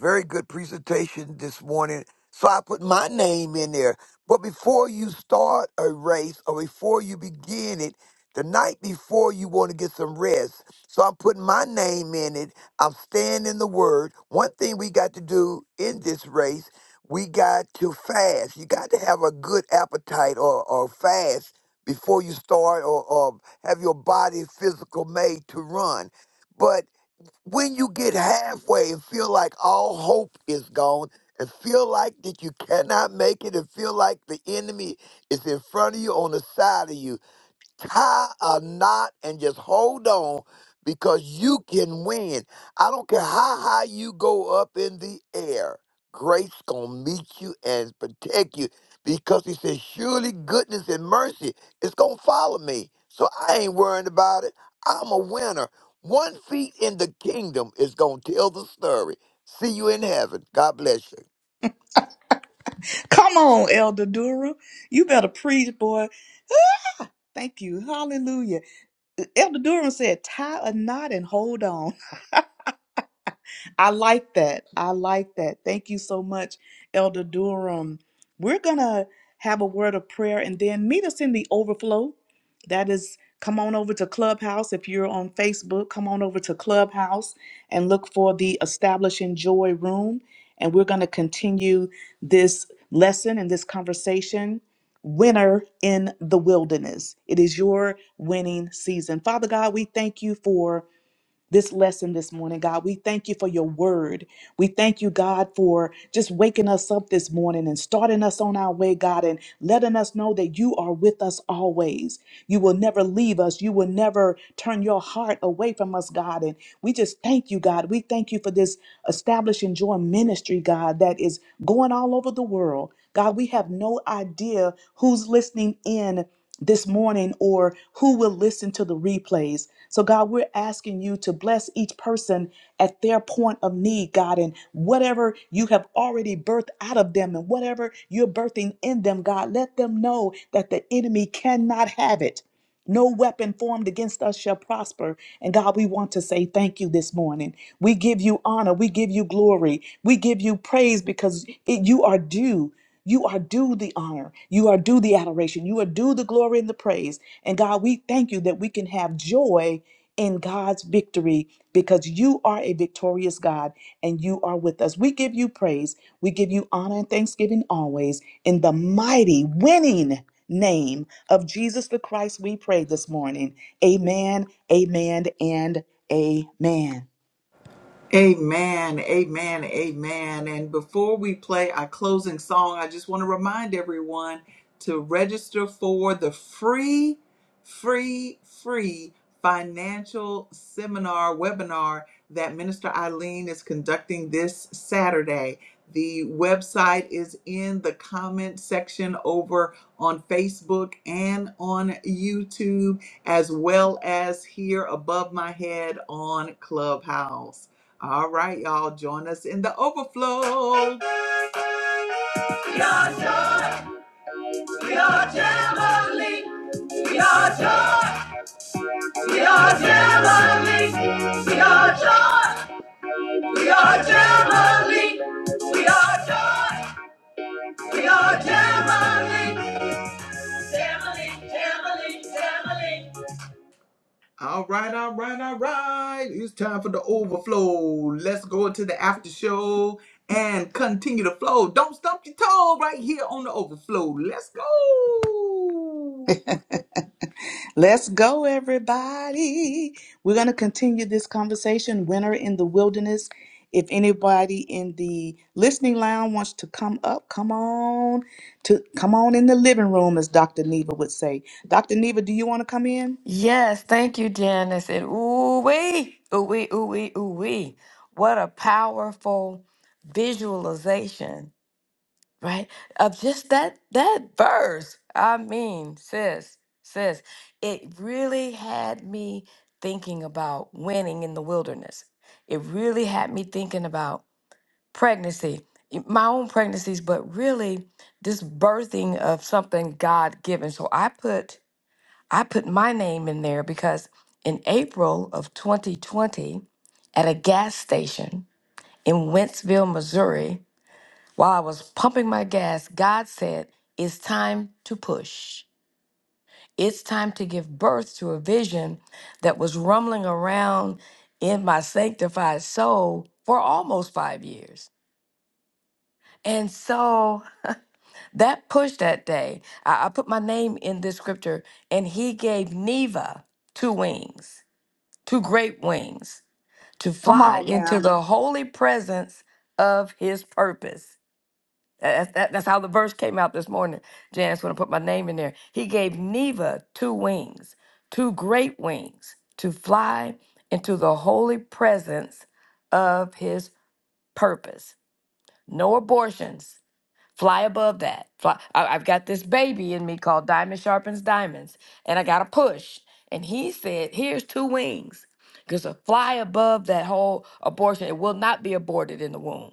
[SPEAKER 5] Very good presentation this morning. So I put my name in there. But before you start a race or before you begin it, the night before you want to get some rest. So I'm putting my name in it. I'm staying in the word. One thing we got to do in this race, we got to fast. You got to have a good appetite or, or fast before you start or, or have your body physical made to run. But when you get halfway and feel like all hope is gone and feel like that you cannot make it and feel like the enemy is in front of you on the side of you tie a knot and just hold on because you can win. I don't care how high you go up in the air. Grace gonna meet you and protect you because he says, surely goodness and mercy is gonna follow me. So I ain't worrying about it. I'm a winner. One feet in the kingdom is gonna tell the story. See you in heaven. God bless you.
[SPEAKER 4] Come on, Elder Durham. You better preach, boy. Thank you. Hallelujah. Elder Durham said, tie a knot and hold on. I like that. I like that. Thank you so much, Elder Durham. We're going to have a word of prayer and then meet us in the overflow. That is, come on over to Clubhouse. If you're on Facebook, come on over to Clubhouse and look for the Establishing Joy Room. And we're going to continue this lesson and this conversation. Winner in the wilderness. It is your winning season. Father God, we thank you for this lesson this morning, God. We thank you for your word. We thank you, God, for just waking us up this morning and starting us on our way, God, and letting us know that you are with us always. You will never leave us. You will never turn your heart away from us, God. And we just thank you, God. We thank you for this establishing joy ministry, God, that is going all over the world. God, we have no idea who's listening in this morning or who will listen to the replays. So, God, we're asking you to bless each person at their point of need, God, and whatever you have already birthed out of them and whatever you're birthing in them, God, let them know that the enemy cannot have it. No weapon formed against us shall prosper. And God, we want to say thank you this morning. We give you honor. We give you glory. We give you praise because it, you are due. You are due the honor. You are due the adoration. You are due the glory and the praise. And God, we thank you that we can have joy in God's victory because you are a victorious God and you are with us. We give you praise. We give you honor and thanksgiving always. In the mighty, winning name of Jesus the Christ, we pray this morning. Amen, amen, and amen.
[SPEAKER 1] Amen, amen, amen. And before we play our closing song, I just want to remind everyone to register for the free, free, free financial seminar webinar that Minister Eileen is conducting this Saturday. The website is in the comment section over on Facebook and on YouTube, as well as here above my head on Clubhouse. All right, y'all, join us in the overflow. We are joy, we are Jamboree. We are joy, we are Jamboree. We are joy, we are Jamboree. We are joy, we are Jamboree. Jamboree, Jamboree, Jamboree. All right, all right, all right. It's time for the overflow. Let's go into the after show and continue the flow. Don't stump your toe right here on the overflow. Let's go.
[SPEAKER 4] Let's go, everybody. We're going to continue this conversation, Winter in the Wilderness. If anybody in the listening lounge wants to come up, come on to come on in the living room, as Dr. Neva would say. Dr. Neva, do you want to come in?
[SPEAKER 3] Yes, thank you, Janice. And ooh wee, ooh wee, ooh wee, ooh wee. What a powerful visualization right? Of just that that verse. I mean, sis, sis, it really had me thinking about winning in the wilderness. It really had me thinking about pregnancy, y- my own pregnancies, but really this birthing of something God given. So I put I put my name in there because in April of 2020, at a gas station in Wentzville, Missouri, while I was pumping my gas, God said, It's time to push. It's time to give birth to a vision that was rumbling around in my sanctified soul for almost five years. And so that push that day, I, I put my name in this scripture, and he gave Neva two wings, two great wings, to
[SPEAKER 4] Come
[SPEAKER 3] fly
[SPEAKER 4] on
[SPEAKER 3] into
[SPEAKER 4] now.
[SPEAKER 3] the holy presence of his purpose. That's, that, that's how the verse came out this morning, Janice, when I put my name in there. He gave Neva two wings, two great wings, to fly into the holy presence of his purpose. No abortions. Fly above that. Fly. I, I've got this baby in me called Diamond Sharpens Diamonds, and I got to push. And he said, Here's two wings. Because to fly above that whole abortion, it will not be aborted in the womb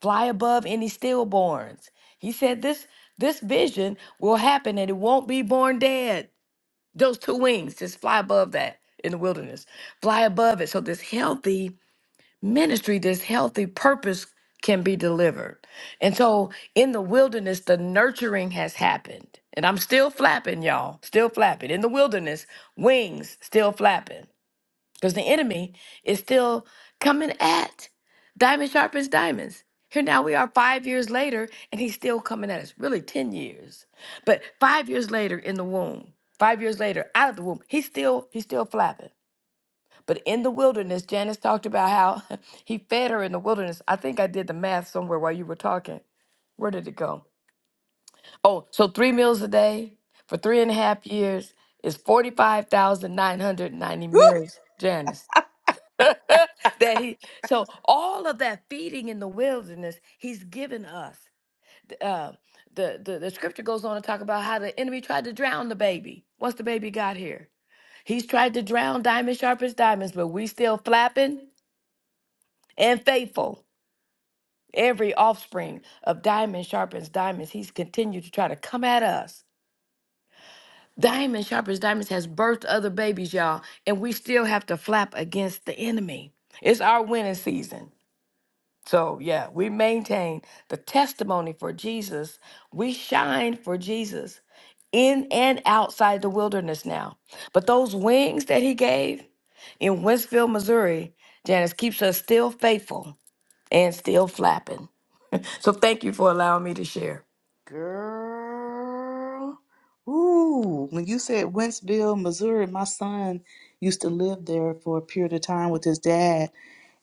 [SPEAKER 3] fly above any stillborns. He said this this vision will happen and it won't be born dead. Those two wings just fly above that in the wilderness. Fly above it so this healthy ministry, this healthy purpose can be delivered. And so in the wilderness the nurturing has happened. And I'm still flapping y'all, still flapping. In the wilderness, wings still flapping. Because the enemy is still coming at diamond sharpens diamonds. Here now we are five years later, and he's still coming at us. Really, 10 years. But five years later in the womb, five years later out of the womb, he's still, he's still flapping. But in the wilderness, Janice talked about how he fed her in the wilderness. I think I did the math somewhere while you were talking. Where did it go? Oh, so three meals a day for three and a half years is 45,990
[SPEAKER 4] Woo!
[SPEAKER 3] meals, Janice. that he so all of that feeding in the wilderness he's given us uh, the, the the scripture goes on to talk about how the enemy tried to drown the baby once the baby got here he's tried to drown diamond sharp as diamonds but we still flapping and faithful every offspring of diamond sharpens diamonds he's continued to try to come at us diamond sharpens diamonds has birthed other babies y'all and we still have to flap against the enemy it's our winning season So, yeah, we maintain the testimony for Jesus. We shine for Jesus in and outside the wilderness now. But those wings that he gave in Winsfield, Missouri, Janice keeps us still faithful and still flapping. So, thank you for allowing me to share.
[SPEAKER 4] Girl. Ooh, when you said Wentzville, Missouri, my son used to live there for a period of time with his dad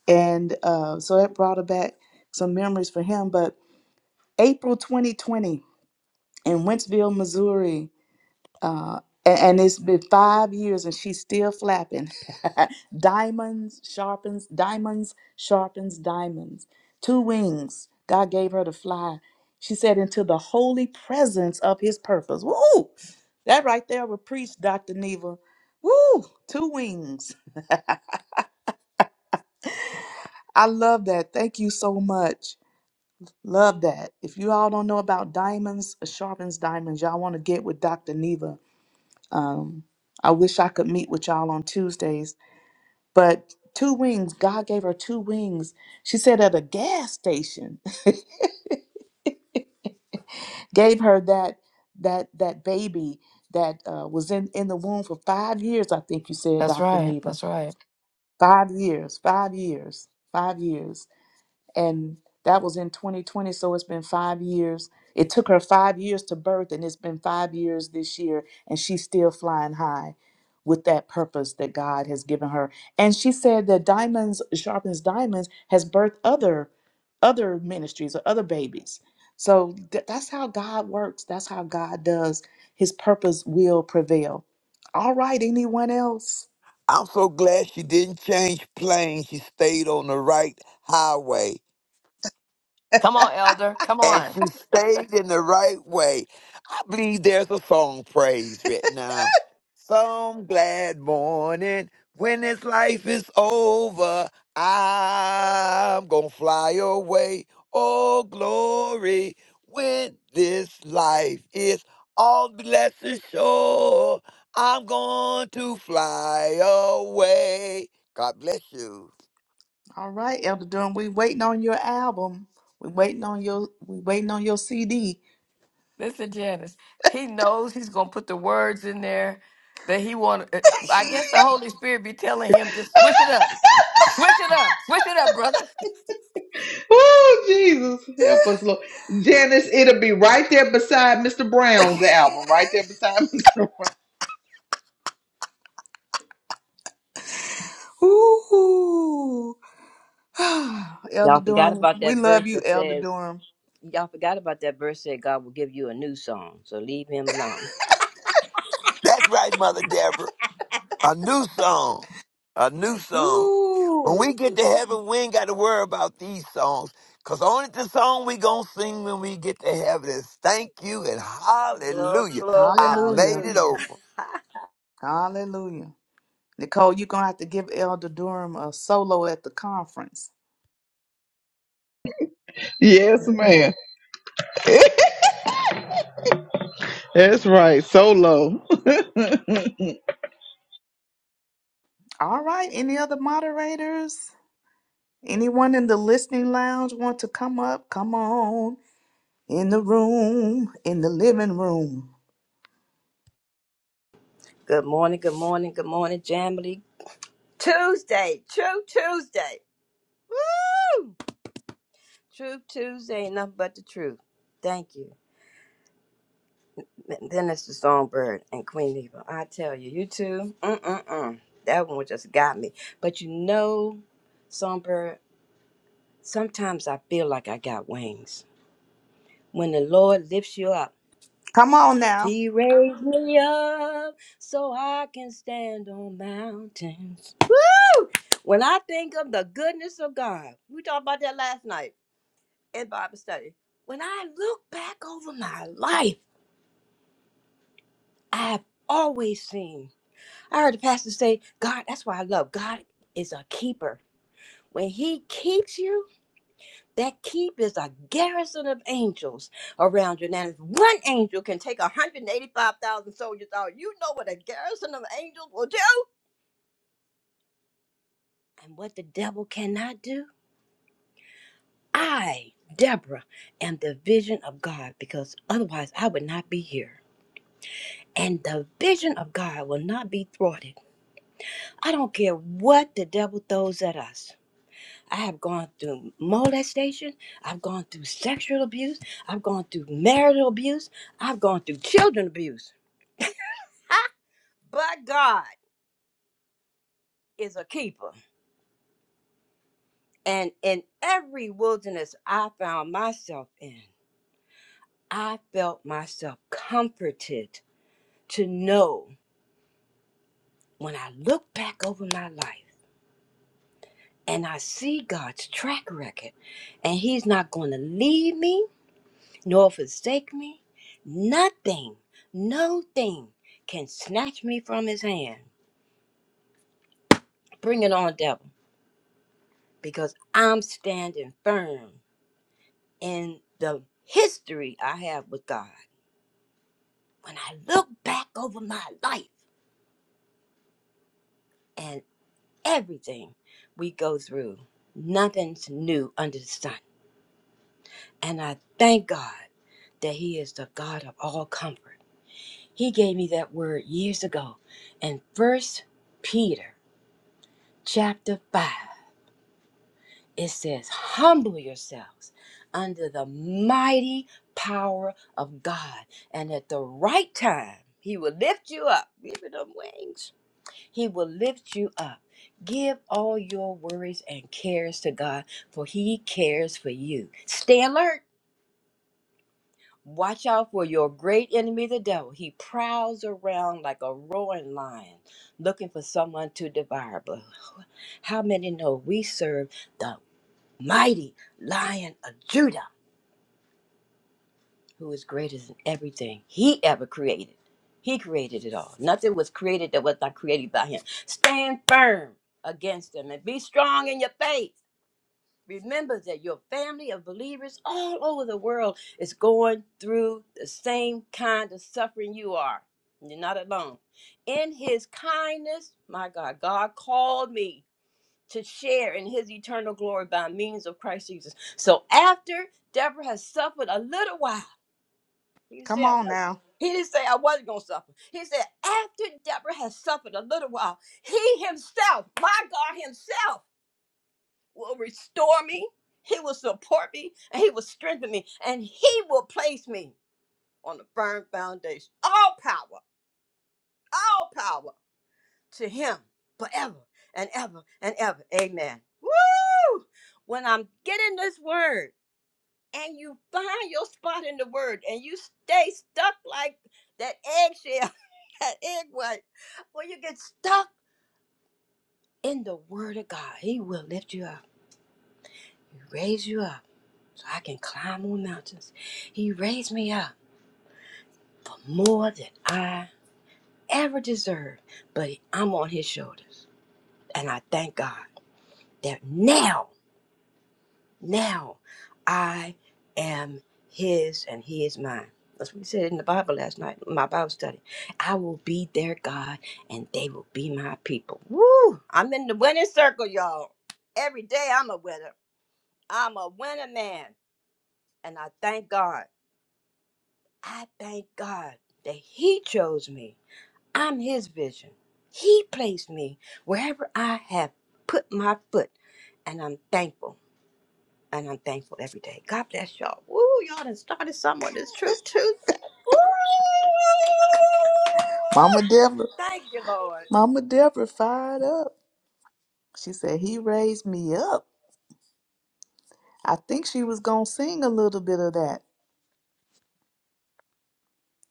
[SPEAKER 4] and uh, so that brought her back some memories for him. But April 2020 in Wentzville, Missouri, uh, a- and, it's been five years, and she's still flapping. diamonds sharpens diamonds sharpens diamonds. Two wings God gave her to fly. She said into the holy presence of His purpose. Woo! That right there will preach, Dr. Neva. Woo! Two wings. I love that. Thank you so much. Love that. If you all don't know about diamonds, uh, sharpens diamonds, y'all want to get with Dr. Neva. Um, I wish I could meet with y'all on Tuesdays. But two wings, God gave her two wings. She said at a gas station, gave her that that that baby that uh, was in in the womb for five years. I think you said,
[SPEAKER 3] That's
[SPEAKER 4] Dr.
[SPEAKER 3] right.
[SPEAKER 4] Neva,
[SPEAKER 3] That's right.
[SPEAKER 4] five years, five years, five years. and that was in 2020 so it's been five years it took her five years to birth and it's been five years this year and she's still flying high with that purpose that god has given her and she said that diamonds sharpens diamonds has birthed other other ministries or other babies so th- that's how god works that's how god does his purpose will prevail all right anyone else
[SPEAKER 5] I'm so glad she didn't change planes. She stayed on the right highway
[SPEAKER 3] Come on, Elder. Come
[SPEAKER 5] and
[SPEAKER 3] on.
[SPEAKER 5] she stayed in the right way. I believe there's a song praise right now. Some glad morning when this life is over, I'm gonna fly away. Oh glory, when this life is all blessed sure, I'm going to fly away. God bless you.
[SPEAKER 4] All right, Elder Durham, we waiting on your album. We waiting on your we waiting on your CD.
[SPEAKER 3] Listen, Janice, he knows he's going to put the words in there that he want. uh, I guess the Holy Spirit be telling him, just switch it up. Switch it up. Switch it up, brother.
[SPEAKER 1] Oh, Jesus, help us, Lord. Janice, it'll be right there beside Mr. Brown's album, right there beside Mr. Brown.
[SPEAKER 4] Ooh, Elder
[SPEAKER 6] Y'all forgot
[SPEAKER 4] Durham,
[SPEAKER 6] about
[SPEAKER 4] we
[SPEAKER 6] that verse
[SPEAKER 4] love you,
[SPEAKER 6] that
[SPEAKER 4] Elder
[SPEAKER 6] says,
[SPEAKER 4] Durham.
[SPEAKER 6] y'all forgot about that verse that God will give you a new song. So leave him alone.
[SPEAKER 5] That's right, Mother Deborah. A new song. A new song.
[SPEAKER 4] Ooh,
[SPEAKER 5] When we get to heaven, we ain't got to worry about these songs. Because only the song we going to sing when we get to heaven is thank you and
[SPEAKER 6] Glory,
[SPEAKER 5] hallelujah.
[SPEAKER 6] glory,
[SPEAKER 5] I
[SPEAKER 4] hallelujah,
[SPEAKER 5] made it
[SPEAKER 6] hallelujah.
[SPEAKER 5] over.
[SPEAKER 4] hallelujah. Nicole, you're gonna have to give Elder Durham a solo at the conference.
[SPEAKER 1] Yes, ma'am. That's right. Solo.
[SPEAKER 4] All right, any other moderators? Anyone in the listening lounge want to come up? Come on in the room, in the living room.
[SPEAKER 6] good morning, good morning, good morning, Jamily. Tuesday, true Tuesday. Woo! True Tuesday, ain't nothing but the truth. Thank you. And Then it's the Songbird and Queen Eva. I tell you, you two, mm-mm-mm. That one just got me. But you know, Songbird, sometimes I feel like I got wings. When the Lord lifts you up,
[SPEAKER 4] Come on now,
[SPEAKER 6] He raised me up so I can stand on mountains. Woo! When I think of the goodness of God, we talked about that last night in Bible study. When I look back over my life, I've always seen. I heard the pastor say, God, that's why I love God is a keeper. When He keeps you, That keep is a garrison of angels around you. Now, if one angel can take 185,000 soldiers out, you know what a garrison of angels will do? And what the devil cannot do? I, Deborah, am the vision of God because otherwise I would not be here. And the vision of God will not be thwarted. I don't care what the devil throws at us. I have gone through molestation. I've gone through sexual abuse. I've gone through marital abuse. I've gone through children abuse. Ha! But God is a keeper. And in every wilderness I found myself in, I felt myself comforted to know when I look back over my life and I see God's track record and He's not going to leave me. nor forsake me. Nothing, no thing can snatch me from his hand. Bring it on, devil, because I'm standing firm in the history I have with God. When I look back over my life and everything we go through, nothing's new under the sun. And I thank God that He is the God of all comfort. He gave me that word years ago in First Peter chapter 5, it says, Humble yourselves under the mighty power of God, and at the right time, He will lift you up. Give it them wings. He will lift you up. Give all your worries and cares to God, for He cares for you. Stay alert. Watch out for your great enemy, the devil. He prowls around like a roaring lion looking for someone to devour. But how many know we serve? the?" mighty lion of Judah, who is greater than everything he ever created. He created it all. Nothing was created that was not created by him. Stand firm against them and be strong in your faith. Remember that your family of believers all over the world is going through the same kind of suffering you are. You're not alone. In his kindness, my God, God called me to share in his eternal glory by means of Christ Jesus. So after Deborah has suffered a little while, he said,
[SPEAKER 4] come
[SPEAKER 6] I
[SPEAKER 4] on
[SPEAKER 6] wasn't.
[SPEAKER 4] now.
[SPEAKER 6] He didn't say I wasn't going to suffer. He said, after Deborah has suffered a little while, he himself, my God himself, will restore me. He will support me and he will strengthen me and he will place me on a firm foundation. All power, all power. to him forever and ever and ever. Amen. Woo! When I'm getting this word and you find your spot in the word and you stay stuck like that eggshell, that egg white, when you get stuck in the word of God, he will lift you up, He raise you up so I can climb more mountains. He raised me up for more than I ever deserved, but I'm on his shoulders. And I thank God that now Now I am his and he is mine. That's what he said in the Bible last night, in my Bible study. I will be their God and they will be my people. Woo! I'm in the winning circle, y'all. Every day I'm a winner. I'm a winner man. And I thank God. I thank God that he chose me. I'm his vision. He placed me wherever I have put my foot. And I'm thankful. And I'm thankful every day. God bless y'all. Woo, y'all done started someone this True Tuesday. Woo!
[SPEAKER 4] Mama Deborah,
[SPEAKER 6] Thank you, Lord.
[SPEAKER 4] Mama Deborah fired up. She said, He raised me up. I think she was going to sing a little bit of that.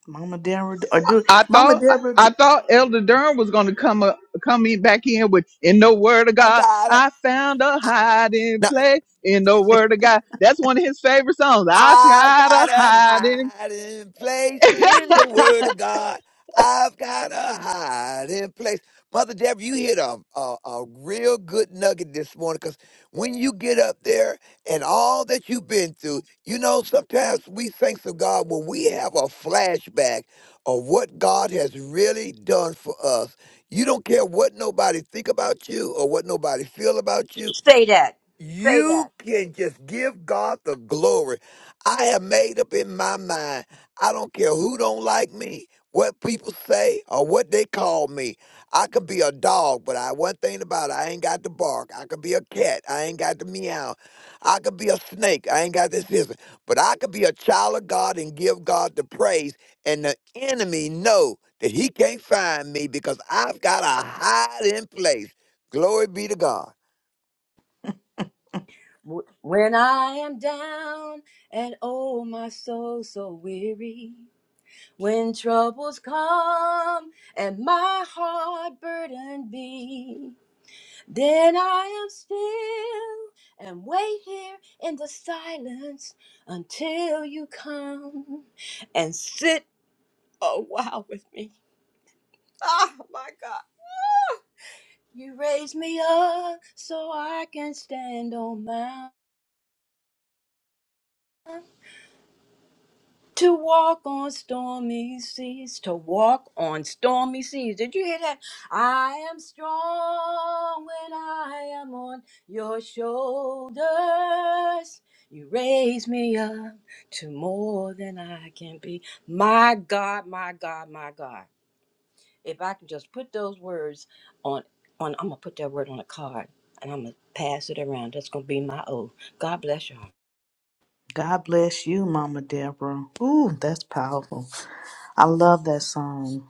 [SPEAKER 4] Mama Deborah, or do
[SPEAKER 1] I
[SPEAKER 4] Mama
[SPEAKER 1] thought
[SPEAKER 4] Deborah. d-
[SPEAKER 1] I thought Elder Durham was going to come up, come in back in with in the Word of
[SPEAKER 5] I
[SPEAKER 1] God.
[SPEAKER 5] got
[SPEAKER 1] I found a hiding
[SPEAKER 5] it.
[SPEAKER 1] place in the Word of God. That's one of his favorite songs. I
[SPEAKER 5] I've
[SPEAKER 1] found a
[SPEAKER 5] got a
[SPEAKER 1] hiding.
[SPEAKER 5] hiding place in the Word of God. I've got a hiding place. Mother Deborah, you hit a, a, a real good nugget this morning because when you get up there and all that you've been through, you know, sometimes we thank to God when we have a flashback of what God has really done for us. You don't care what nobody think about you or what nobody feel about you
[SPEAKER 6] Say that. Say that.
[SPEAKER 5] you can just give God the glory. I have made up in my mind. I don't care who don't like me, what people say, or what they call me. I could be a dog, but I one thing about it, I ain't got to bark. I could be a cat, I ain't got to meow. I could be a snake, I ain't got this listen. But I could be a child of God and give God the praise, and the enemy know that he can't find me because I've got a hiding place. Glory be to God.
[SPEAKER 6] Wh- When I am down and oh, my soul so weary, when troubles come and my heart burdened be, Then I am still and wait here in the silence until you come and sit a while with me. Ah, my God. Ah. You raise me up so I can stand on To walk on stormy seas, to walk on stormy seas. Did you hear that? I am strong when I am on your shoulders. You raise me up to more than I can be. My God, my God, my God. If I can just put those words on, on I'm gonna put that word on a card and I'm gonna pass it around. That's gonna be my oath. God bless y'all.
[SPEAKER 4] God bless you, Mama Deborah. Ooh, that's powerful. I love that song.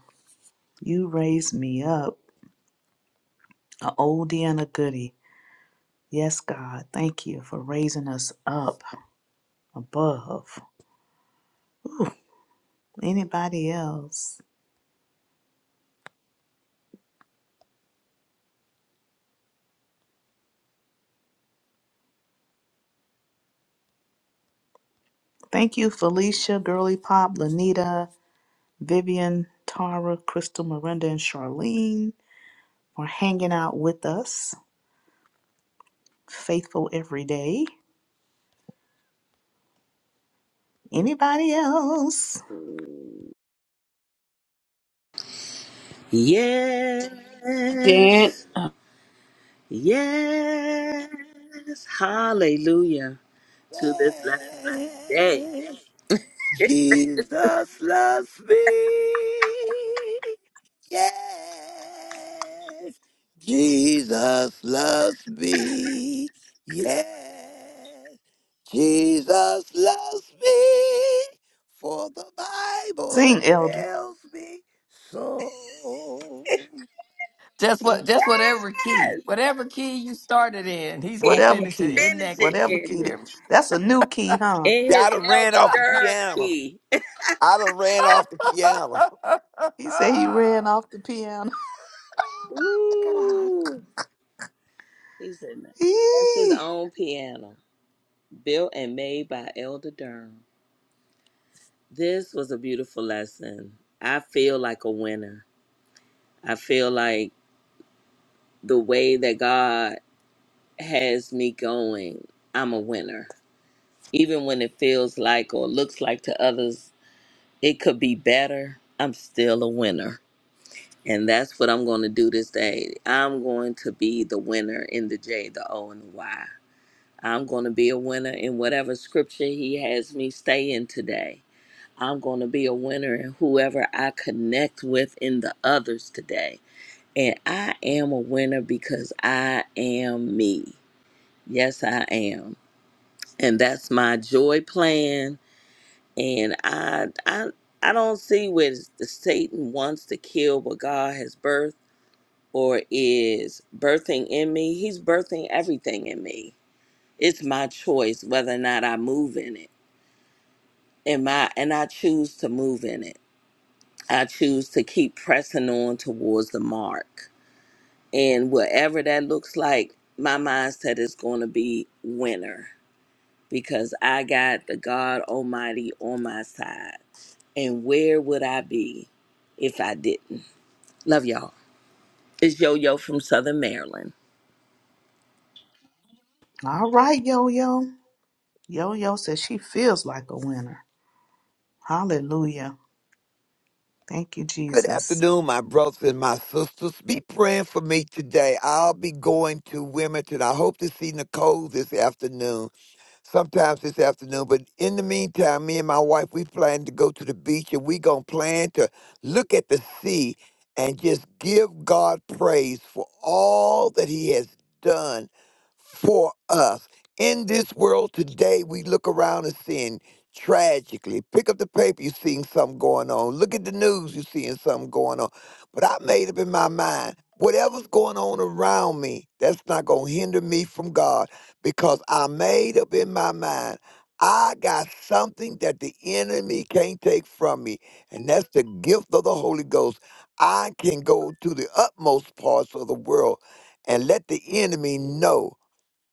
[SPEAKER 4] You raised me up, a oldie and a goodie. Yes, God, thank you for raising us up above anybody else. Thank you, Felicia, Girly Pop, Lanita. Vivian, Tara, Crystal, Miranda, and Charlene for hanging out with us, faithful every day. Anybody else?
[SPEAKER 7] Yes,
[SPEAKER 8] Jan.
[SPEAKER 7] yes, hallelujah to this lesson
[SPEAKER 5] Yeah.
[SPEAKER 7] today.
[SPEAKER 5] Jesus loves me. Yes. Jesus loves me. Yes. Jesus loves me. For the Bible
[SPEAKER 4] Sing, Elder.
[SPEAKER 5] tells me so.
[SPEAKER 3] Just what
[SPEAKER 7] Yes,
[SPEAKER 3] just whatever key. Whatever key you started in, he's going
[SPEAKER 7] he
[SPEAKER 3] to
[SPEAKER 7] gonna
[SPEAKER 4] Whatever
[SPEAKER 3] finish it
[SPEAKER 4] key.
[SPEAKER 3] in
[SPEAKER 7] finish
[SPEAKER 3] that
[SPEAKER 7] it
[SPEAKER 4] Whatever
[SPEAKER 3] key.
[SPEAKER 7] in,
[SPEAKER 3] You
[SPEAKER 4] key. that-
[SPEAKER 3] hear me?
[SPEAKER 4] That's a new key, huh?
[SPEAKER 7] in
[SPEAKER 5] Yeah, I
[SPEAKER 7] his
[SPEAKER 5] done
[SPEAKER 7] elder
[SPEAKER 5] ran off the
[SPEAKER 7] Durham
[SPEAKER 5] piano.
[SPEAKER 7] key.
[SPEAKER 5] I done ran off the piano.
[SPEAKER 3] oh,
[SPEAKER 4] He said he ran off the piano.
[SPEAKER 3] God.
[SPEAKER 7] Ooh, he said that. that's his
[SPEAKER 4] Eee.
[SPEAKER 7] own piano, built and made by Elder Durham. This was a beautiful lesson. I feel like a winner. I feel like the way that God has me going, I'm a winner. Even when it feels like or looks like to others it could be better, I'm still a winner. And that's what I'm going to do this day. I'm going to be the winner in the J, the O, and the Y. I'm going to be a winner in whatever scripture he has me stay in today. I'm going to be a winner in whoever I connect with in the others today. And I am a winner because I am me. Yes, I am. and that's my joy plan. And I, I, I don't see where the Satan wants to kill what God has birthed or is birthing in me. He's birthing everything in me. It's my choice whether or not I move in it, and my and I choose to move in it. I choose to keep pressing on towards the mark, and whatever that looks like, my mindset is going to be winner because I got the God Almighty on my side. And where would I be if I didn't? Love y'all. It's Yo Yo from Southern Maryland.
[SPEAKER 4] All right, Yo Yo. Yo Yo says she feels like a winner. Hallelujah. Thank you,
[SPEAKER 5] Good
[SPEAKER 4] Jesus.
[SPEAKER 5] afternoon, my brothers and my sisters. Be praying for me today. I'll be going to Wilmington. I hope to see Nicole this afternoon sometimes this afternoon. But in the meantime, me and my wife, we plan to go to the beach and we going to plan to look at the sea and just give God praise for all that He has done for us. In this world today, we look around and seeing tragically. Pick up the paper, you're seeing something going on. Look at the news, you're seeing something going on. But I made up in my mind, whatever's going on around me, that's not going to hinder me from God because I made up in my mind I got something that the enemy can't take from me, and that's the gift of the Holy Ghost. I can go to the utmost parts of the world and let the enemy know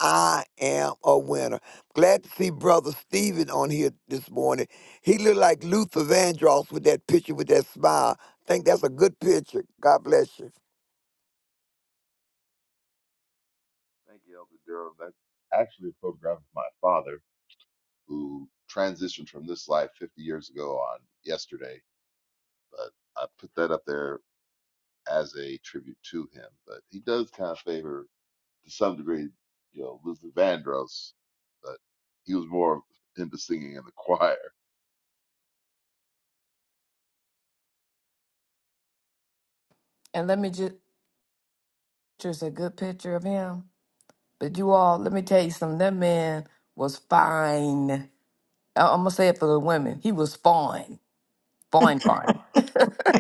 [SPEAKER 5] I am a winner. Glad to see Brother Stephen on here this morning. He looked like Luther Vandross with that picture with that smile. Think that's a good picture. God bless you.
[SPEAKER 9] Thank you, Elder Durham. That's actually a program of my father who transitioned from this life 50 years ago on yesterday. But I put that up there as a tribute to him. But he does kind of favor, to some degree, you know, Luther Vandross. But he was more into singing in the choir.
[SPEAKER 3] And let me just just a good picture of him. But you all, let me tell you something. That man was fine. I- I'm gonna say it for the women. He was fine Boing, boing.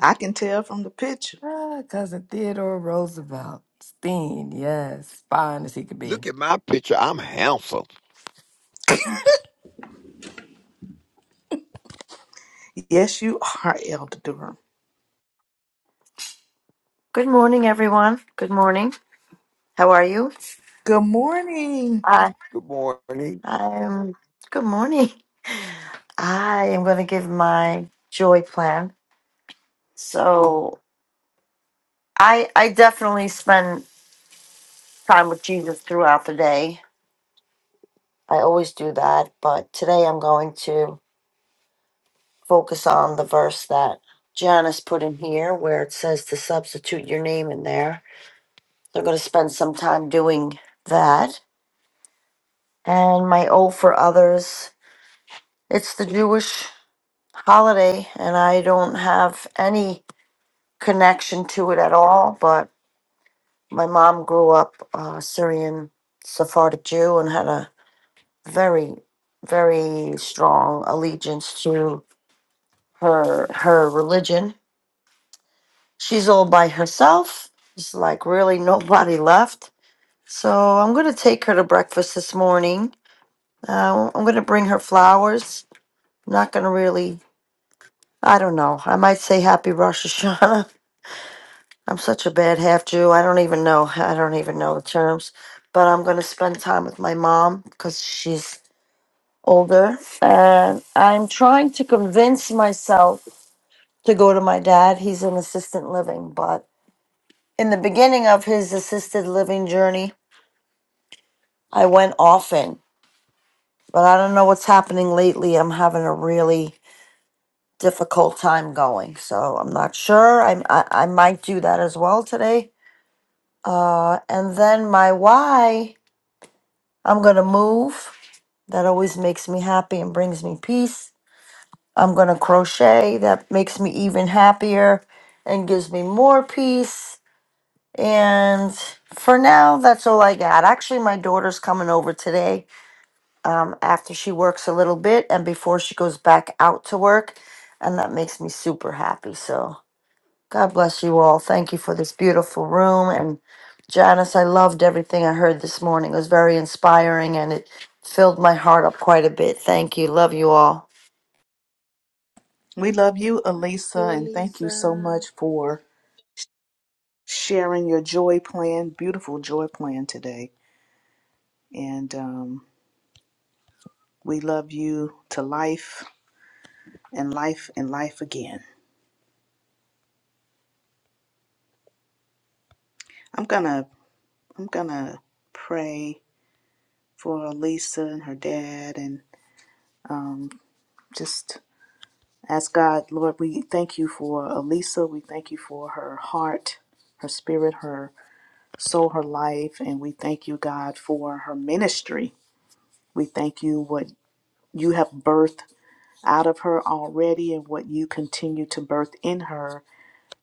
[SPEAKER 4] I can tell from the picture.
[SPEAKER 3] Ah, Cousin Theodore Roosevelt. Steen, yes. Fine as he could be.
[SPEAKER 5] Look at my picture. I'm handsome.
[SPEAKER 4] Yes, you are, Elder Durham.
[SPEAKER 10] Good morning, everyone. Good morning. How are you?
[SPEAKER 4] Good morning.
[SPEAKER 10] I,
[SPEAKER 5] Good morning.
[SPEAKER 10] I'm good morning. I am going to give my joy plan. So I, I definitely spend time with Jesus throughout the day. I always do that, but today I'm going to focus on the verse that Janice put in here where it says to substitute your name in there. So are going to spend some time doing that. And my O for others. It's the Jewish holiday and I don't have any connection to it at all. But my mom grew up uh, Syrian Sephardic Jew and had a very, very strong allegiance to her her religion. She's all by herself. It's like really nobody left. So I'm gonna take her to breakfast this morning. Uh, I'm gonna bring her flowers. not gonna really. I don't know. I might say happy Rosh Hashanah I'm such a bad half Jew. I don't even know. I don't even know the terms. But I'm going to spend time with my mom because she's older. And I'm trying to convince myself to go to my dad. He's in assisted living. But in the beginning of his assisted living journey, I went often. But I don't know what's happening lately. I'm having a really difficult time going. So I'm not sure. I, I, I might do that as well today. Uh, and then my why. I'm going to move. That always makes me happy and brings me peace. I'm going to crochet. That makes me even happier and gives me more peace. And for now, that's all I got. Actually, my daughter's coming over today um, after she works a little bit and before she goes back out to work. And that makes me super happy. So. God bless you all. Thank you for this beautiful room. And Janice, I loved everything I heard this morning. It was very inspiring and it filled my heart up quite a bit. Thank you. Love you all.
[SPEAKER 4] We love you, Elisa,
[SPEAKER 7] To
[SPEAKER 4] and thank you so much
[SPEAKER 7] Alisa.
[SPEAKER 4] for sharing your joy plan, beautiful joy plan today. And um, we love you to life and life and life again. I'm gonna I'm gonna pray for Elisa and her dad, and um, just ask God, Lord, we thank you for Elisa. We thank you for her heart, her spirit, her soul, her life, and we thank you, God, for her ministry. We thank you what you have birthed out of her already and what you continue to birth in her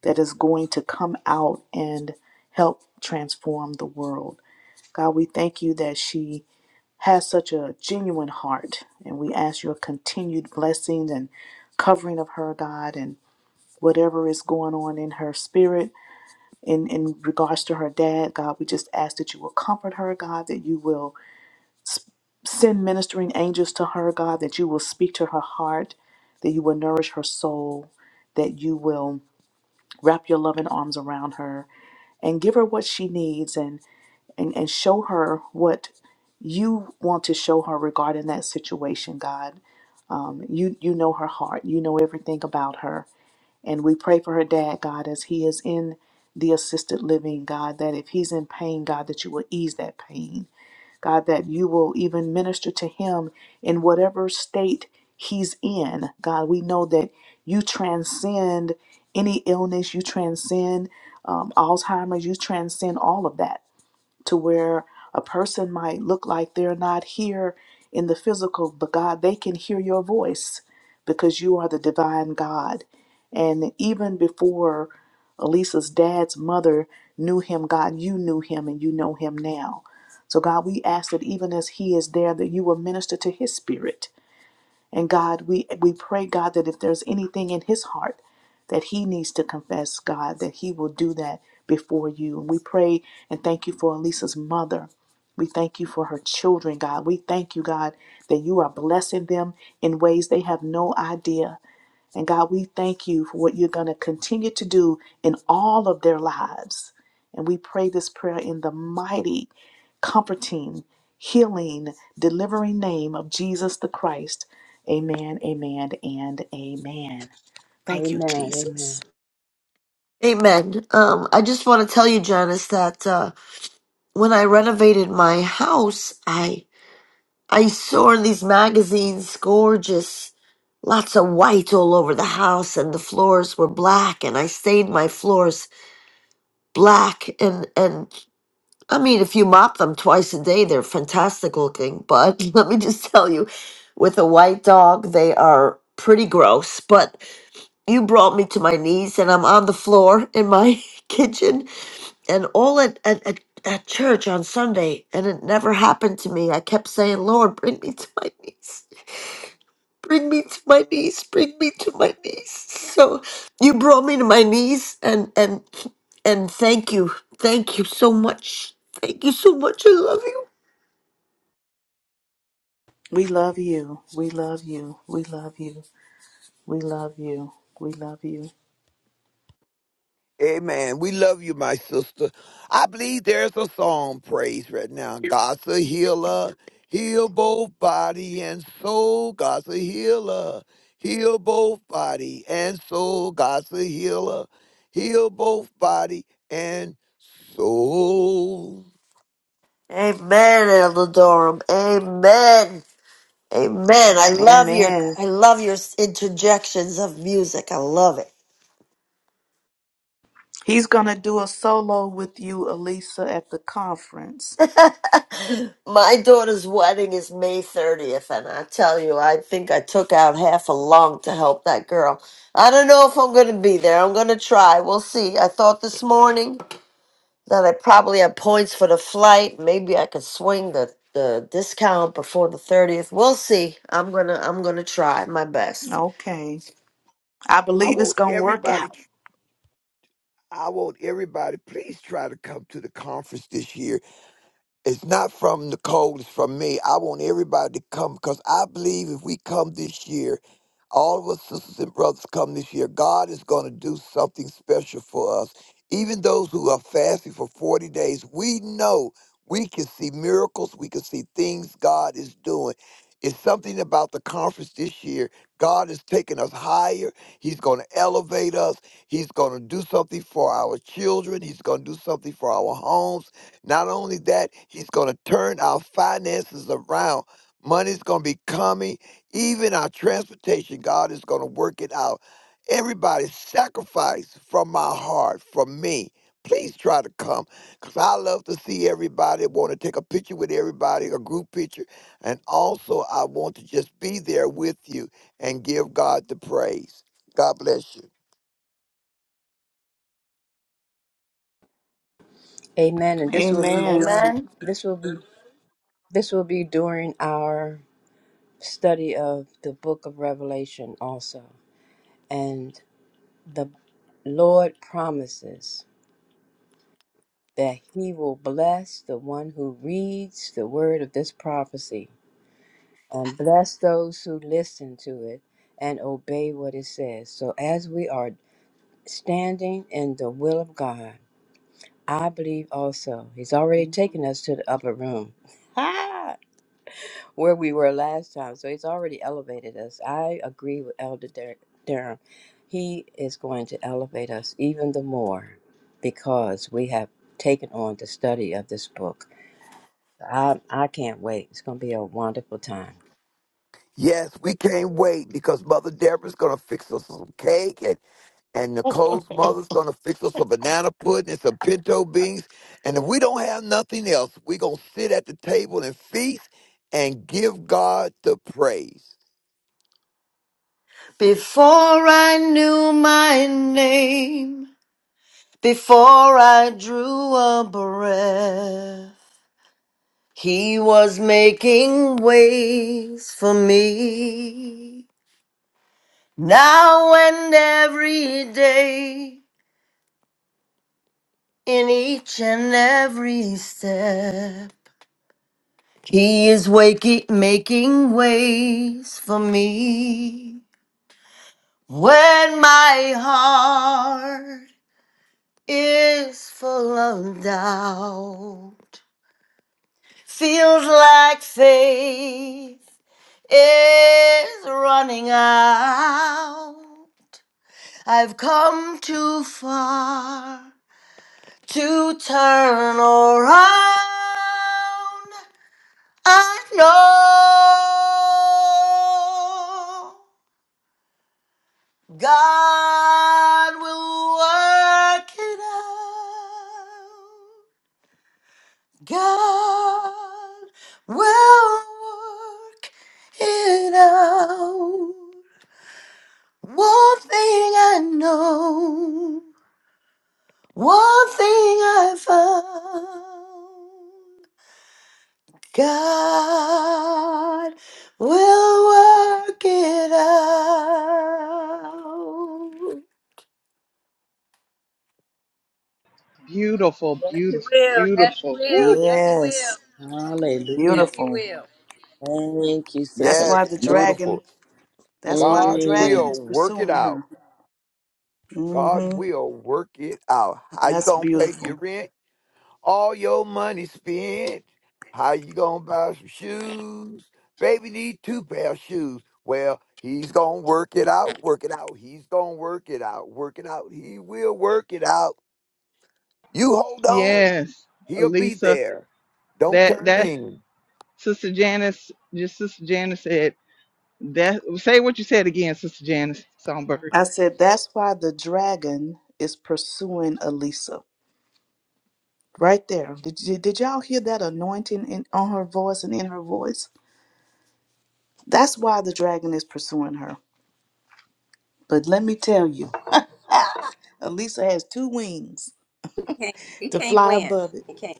[SPEAKER 4] that is going to come out and help transform the world. God, we thank you that she has such a genuine heart and we ask your continued blessings and covering of her, God, and whatever is going on in her spirit in, in regards to her dad, God, we just ask that you will comfort her, God, that you will S- Send ministering angels to her, God, that you will speak to her heart, that you will nourish her soul, that you will wrap your loving arms around her and give her what she needs and, and, and show her what you want to show her regarding that situation, God. Um, you, you know her heart, you know everything about her. And we pray for her dad, God, as he is in the assisted living, God, that if he's in pain, God, that you will ease that pain God, that you will even minister to him in whatever state he's in. God, we know that you transcend any illness, you transcend um, Alzheimer's, you transcend all of that to where a person might look like they're not here in the physical, but God, they can hear your voice because you are the divine God. And even before Elisa's dad's mother knew him, God, you knew him and you know him now. So, God, we ask that even as he is there, that you will minister to his spirit and God, we we pray, God, that if there's anything in his heart that he needs to confess, God, that he will do that before you. And we pray and thank you for Elisa's mother. We thank you for her children, God. We thank you, God, that you are blessing them in ways they have no idea. And God, we thank you for what you're going to continue to do in all of their lives. And we pray this prayer in the mighty, comforting, healing, delivering name of Jesus the Christ. Amen, amen, and amen. Thank you,
[SPEAKER 6] Amen. Amen.
[SPEAKER 4] Jesus.
[SPEAKER 10] Amen. Um, I just want to tell you, Janice, that uh, when I renovated my house, I I saw in these magazines gorgeous, lots of white all over the house, and the floors were black, and I stained my floors black, and and I mean, if you mop them twice a day, they're fantastic looking. But let me just tell you, with a white dog, they are pretty gross. But you brought me to my knees, and I'm on the floor in my kitchen, and all at, at, at, at church on Sunday, and it never happened to me. I kept saying, Lord, bring me to my knees. Bring me to my knees. Bring me to my knees. So you brought me to my knees, and and and thank you, thank you so much. Thank you so much. I love you.
[SPEAKER 4] We love you. We love you. We love you. We love you. We love you.
[SPEAKER 5] Amen. We love you, my sister. I believe there's a song praise right now. God's a healer. Heal both body and soul. God's a healer. Heal both body and soul. God's a healer. Heal both body and soul.
[SPEAKER 10] Amen, Elder Durham. Amen. Amen. I love your
[SPEAKER 4] Amen.
[SPEAKER 10] I love your interjections of music. I love it.
[SPEAKER 4] He's going to do a solo with you, Elisa, at the conference.
[SPEAKER 10] My daughter's wedding is May 30th, and I tell you, I think I took out half a lung to help that girl. I don't know if I'm gonna be there. I'm gonna try. We'll see. I thought this morning that I probably had points for the flight. Maybe I could swing the the discount before the 30th. We'll see. I'm gonna I'm gonna try my best.
[SPEAKER 4] Okay. I
[SPEAKER 5] I
[SPEAKER 4] believe it's
[SPEAKER 5] want
[SPEAKER 4] going to work
[SPEAKER 5] everybody,
[SPEAKER 4] out.
[SPEAKER 5] I want everybody, please try to come to the conference this year. It's not from Nicole, it's from me. I want everybody to come because I believe if we come this year, all of us sisters and brothers come this year, God is going to do something special for us. Even those who are fasting for 40 days, we know we can see miracles, we can see things God is doing. It's something about the conference this year. God is taking us higher. He's going to elevate us. He's going to do something for our children. He's going to do something for our homes. Not only that, he's going to turn our finances around. Money's going to be coming. Even our transportation, God is going to work it out. Everybody, sacrifice from my heart, from me. Please try to come because I love to see everybody. I want to take a picture with everybody, a group picture. And also, I want to just be there with you and give God the praise. God bless you.
[SPEAKER 6] Amen. And this will be
[SPEAKER 4] Amen.
[SPEAKER 6] during
[SPEAKER 10] Amen.
[SPEAKER 6] this will be this will be during our study of the book of Revelation also. And the Lord promises that he will bless the one who reads the word of this prophecy and bless those who listen to it and obey what it says. So as we are standing in the will of God, I believe also he's already taken us to the upper room. where we were last time. So he's already elevated us. I agree with Elder Dar- Durham. He is going to elevate us even the more because we have taken on the study of this book. I, I can't wait. It's going to be a wonderful time.
[SPEAKER 5] Yes, we can't wait because Mother Deborah's going to fix us some cake and. and Nicole's mother's gonna fix us a banana pudding and some pinto beans. And if we don't have nothing else, we're gonna sit at the table and feast and give God the praise.
[SPEAKER 10] Before I knew my name, before I drew a breath, He was making ways for me. Now and every day, in each and every step, He is waking, making ways for me. When my heart is full of doubt. Feels like faith is running out. I've come too far to turn around. I know God will work it out. God will work it out. One thing I know, one thing I found. God will work it
[SPEAKER 1] Beautiful,
[SPEAKER 6] Yes, he
[SPEAKER 1] beautiful,
[SPEAKER 6] will. Yes, he
[SPEAKER 1] beautiful.
[SPEAKER 6] will.
[SPEAKER 1] Woo.
[SPEAKER 6] Yes, he will.
[SPEAKER 4] Yes.
[SPEAKER 7] Hallelujah.
[SPEAKER 6] Yes, he
[SPEAKER 4] Beautiful.
[SPEAKER 6] will.
[SPEAKER 7] Thank you,
[SPEAKER 4] That's
[SPEAKER 7] Sister
[SPEAKER 4] why
[SPEAKER 5] Yes,
[SPEAKER 4] the
[SPEAKER 7] Lisa.
[SPEAKER 4] dragon,
[SPEAKER 5] beautiful.
[SPEAKER 4] that's why the
[SPEAKER 5] God
[SPEAKER 4] dragon
[SPEAKER 7] Mm.
[SPEAKER 5] will
[SPEAKER 4] is
[SPEAKER 5] work it
[SPEAKER 4] pursuing
[SPEAKER 5] out.
[SPEAKER 4] her. mm
[SPEAKER 5] God
[SPEAKER 4] Mhm.
[SPEAKER 5] will work it out. How you
[SPEAKER 4] That's
[SPEAKER 5] gonna pay your
[SPEAKER 4] beautiful.
[SPEAKER 5] rent? all your money spent. How you gonna buy some shoes? Baby need two pair of shoes. Well, he's gonna work it out, work it out. He's gonna work it out, work it out. He will work it out. You hold on,
[SPEAKER 1] Yes,
[SPEAKER 5] he'll be
[SPEAKER 1] Lisa.
[SPEAKER 5] there. Don't
[SPEAKER 1] That
[SPEAKER 5] turn
[SPEAKER 1] that
[SPEAKER 5] in.
[SPEAKER 1] Sister Janice, just Sister Janice said that. Say what you said again, Sister Janice Songbird.
[SPEAKER 4] I said that's why the dragon is pursuing Elisa. Right there. Did, did, did y'all hear that anointing in on her voice and in her voice? That's why the dragon is pursuing her. But let me tell you, Elisa has two wings
[SPEAKER 6] He can't, he
[SPEAKER 4] to
[SPEAKER 6] can't
[SPEAKER 4] fly
[SPEAKER 6] win.
[SPEAKER 4] above it.
[SPEAKER 6] He can't.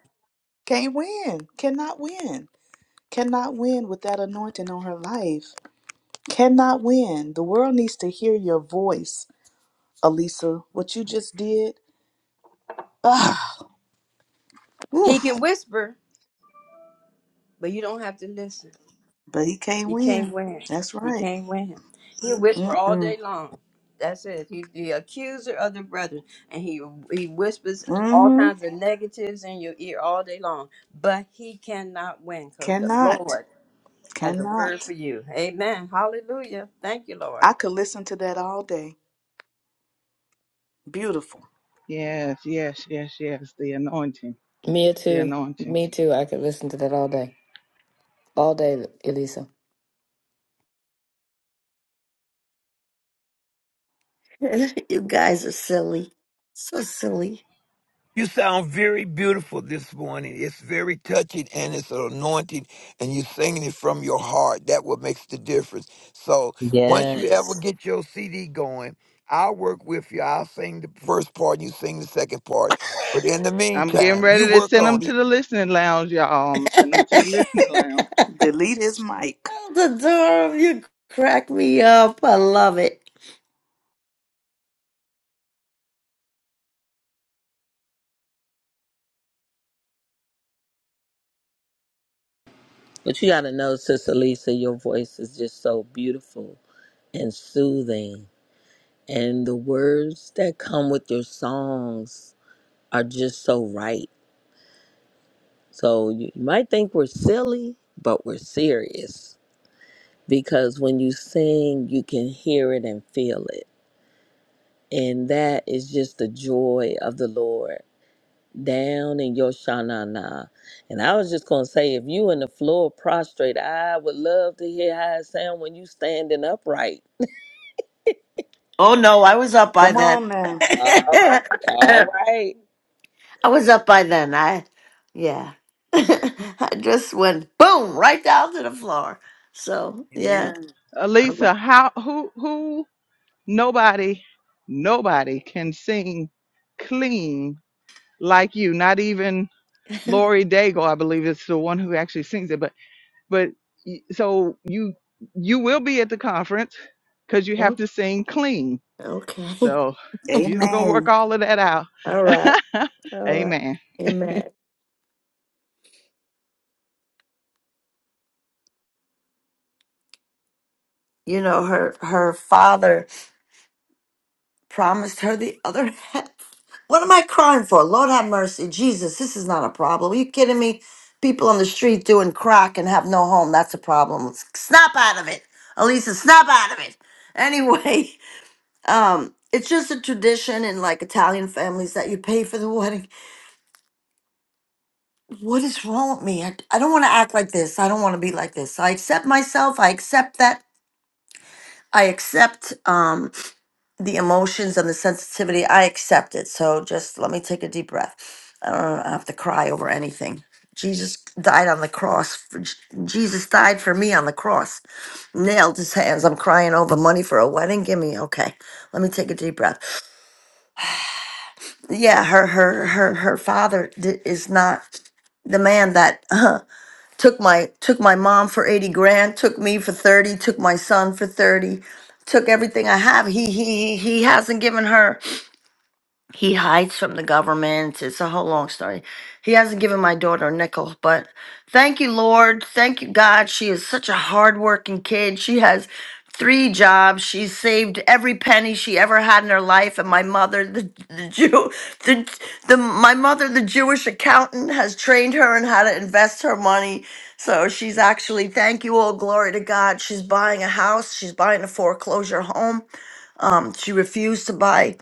[SPEAKER 4] Can't win. Cannot win. cannot win with that anointing on her life. Cannot win. The world needs to hear your voice, Alisa. What you just did, ah,
[SPEAKER 6] He
[SPEAKER 4] oof,
[SPEAKER 6] can whisper, but you don't have to listen.
[SPEAKER 4] but he can't
[SPEAKER 6] He
[SPEAKER 4] win.
[SPEAKER 6] can't win.
[SPEAKER 4] That's
[SPEAKER 6] He
[SPEAKER 4] right.
[SPEAKER 6] can't win. He'll whisper all
[SPEAKER 4] Mm-mm.
[SPEAKER 6] day long. That's it. He's the accuser of the brethren, and he he whispers all
[SPEAKER 4] Mm-hmm.
[SPEAKER 6] kinds of negatives in your ear all day long. But he cannot win because the
[SPEAKER 4] Cannot.
[SPEAKER 6] Lord has a word
[SPEAKER 4] Cannot.
[SPEAKER 6] for you. Amen. Hallelujah. Thank you, Lord.
[SPEAKER 4] I could listen to that all day. Beautiful.
[SPEAKER 1] Yes, yes, yes, yes. The anointing,
[SPEAKER 3] Me
[SPEAKER 1] the
[SPEAKER 3] too.
[SPEAKER 1] anointing.
[SPEAKER 3] Me too. I could listen to that all day. All day, Elisa.
[SPEAKER 10] out. you guys are silly. So silly.
[SPEAKER 5] You sound very beautiful this morning. It's very touching and it's an anointing, and you're singing it from your heart. That what makes the difference. So once you ever
[SPEAKER 7] Yes.
[SPEAKER 5] get your CD going, I'll work with you. I'll sing the first part, and you sing the second part. But in the
[SPEAKER 1] I'm getting
[SPEAKER 5] meantime, you
[SPEAKER 1] ready to
[SPEAKER 5] work
[SPEAKER 1] send them
[SPEAKER 5] on
[SPEAKER 1] to
[SPEAKER 5] it.
[SPEAKER 1] the listening lounge, y'all. I'm gonna send them to the listening lounge.
[SPEAKER 4] Delete his mic.
[SPEAKER 10] Elder Durham, you crack me up. I love it.
[SPEAKER 7] But you got to know, Sister Lisa, your voice is just so beautiful and soothing. And the words that come with your songs are just so right. So you you might think we're silly, but we're serious because when you sing, you can hear it and feel it. And that is just the joy of the Lord down in your shanana. And I was just going to say, if you in the floor prostrate, I would love to hear how it sound when you standing upright.
[SPEAKER 10] Oh no, I was up by
[SPEAKER 4] Come
[SPEAKER 10] then.
[SPEAKER 4] on now.
[SPEAKER 7] All right,
[SPEAKER 10] I
[SPEAKER 7] all right.
[SPEAKER 10] was up by then. I, yeah, I just went boom right down to the floor. So yeah.
[SPEAKER 7] Amen.
[SPEAKER 10] I'm like,
[SPEAKER 1] Elisa, how who who nobody nobody can sing clean like you. Not even Lori Daigle, I believe, is the one who actually sings it. But But y- so you you will be at the conference because you have
[SPEAKER 10] "Oh,
[SPEAKER 1] to sing clean.
[SPEAKER 10] Okay.
[SPEAKER 1] So Jesus gonna work
[SPEAKER 4] Amen.
[SPEAKER 1] all of that out.
[SPEAKER 10] All right. All right.
[SPEAKER 1] Amen.
[SPEAKER 10] Amen. You know her. Her father promised her the other half. What am I crying for? Lord have mercy. Jesus, this is not a problem. Are you kidding me? People on the street doing crack and have no home. That's a problem. Let's snap out of it. Elisa, snap out of it. Anyway, um, it's just a tradition in like Italian families that you pay for the wedding. What is wrong with me? I, I don't want to act like this. I don't want to be like this. I accept myself. I accept that. I accept. Um. the emotions and the sensitivity, I accept it. So just let me take a deep breath. I don't have to cry over anything. Jesus died on the cross. for- Jesus died for me on the cross. Nailed his hands. I'm crying over money for a wedding. Give me okay. Let me take a deep breath. Yeah, her her her her father di- is not the man that uh, took my took my mom for 80 grand, took me for 30, took my son for 30, took everything I have. He he he he hasn't given her He hides from the government. It's a whole long story. He hasn't given my daughter a nickel, but thank you, Lord. Thank you, God. She is such a hardworking kid. She has three jobs. She saved every penny she ever had in her life. And my mother, the, the Jew, the, the my mother, the Jewish accountant, has trained her in how to invest her money. So she's actually, thank you, all glory to God. She's buying a house. She's buying a foreclosure home. Um, she refused to buy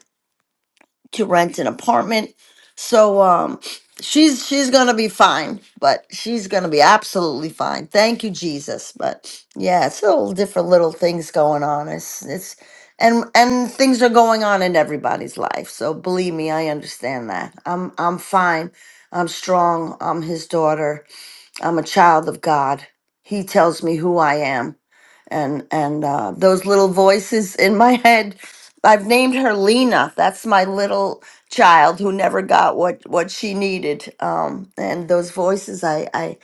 [SPEAKER 10] to rent an apartment. So um she's she's gonna be fine, but she's gonna be absolutely fine. Thank you, Jesus. But yeah, it's all different little things going on. It's it's and and things are going on in everybody's life. So believe me, I understand that. I'm I'm fine. I'm strong. I'm his daughter I'm a child of God. He tells me who I am. And and uh, those little voices in my head, I've named her Lena. That's my little child who never got what what she needed. Um, and those voices, I I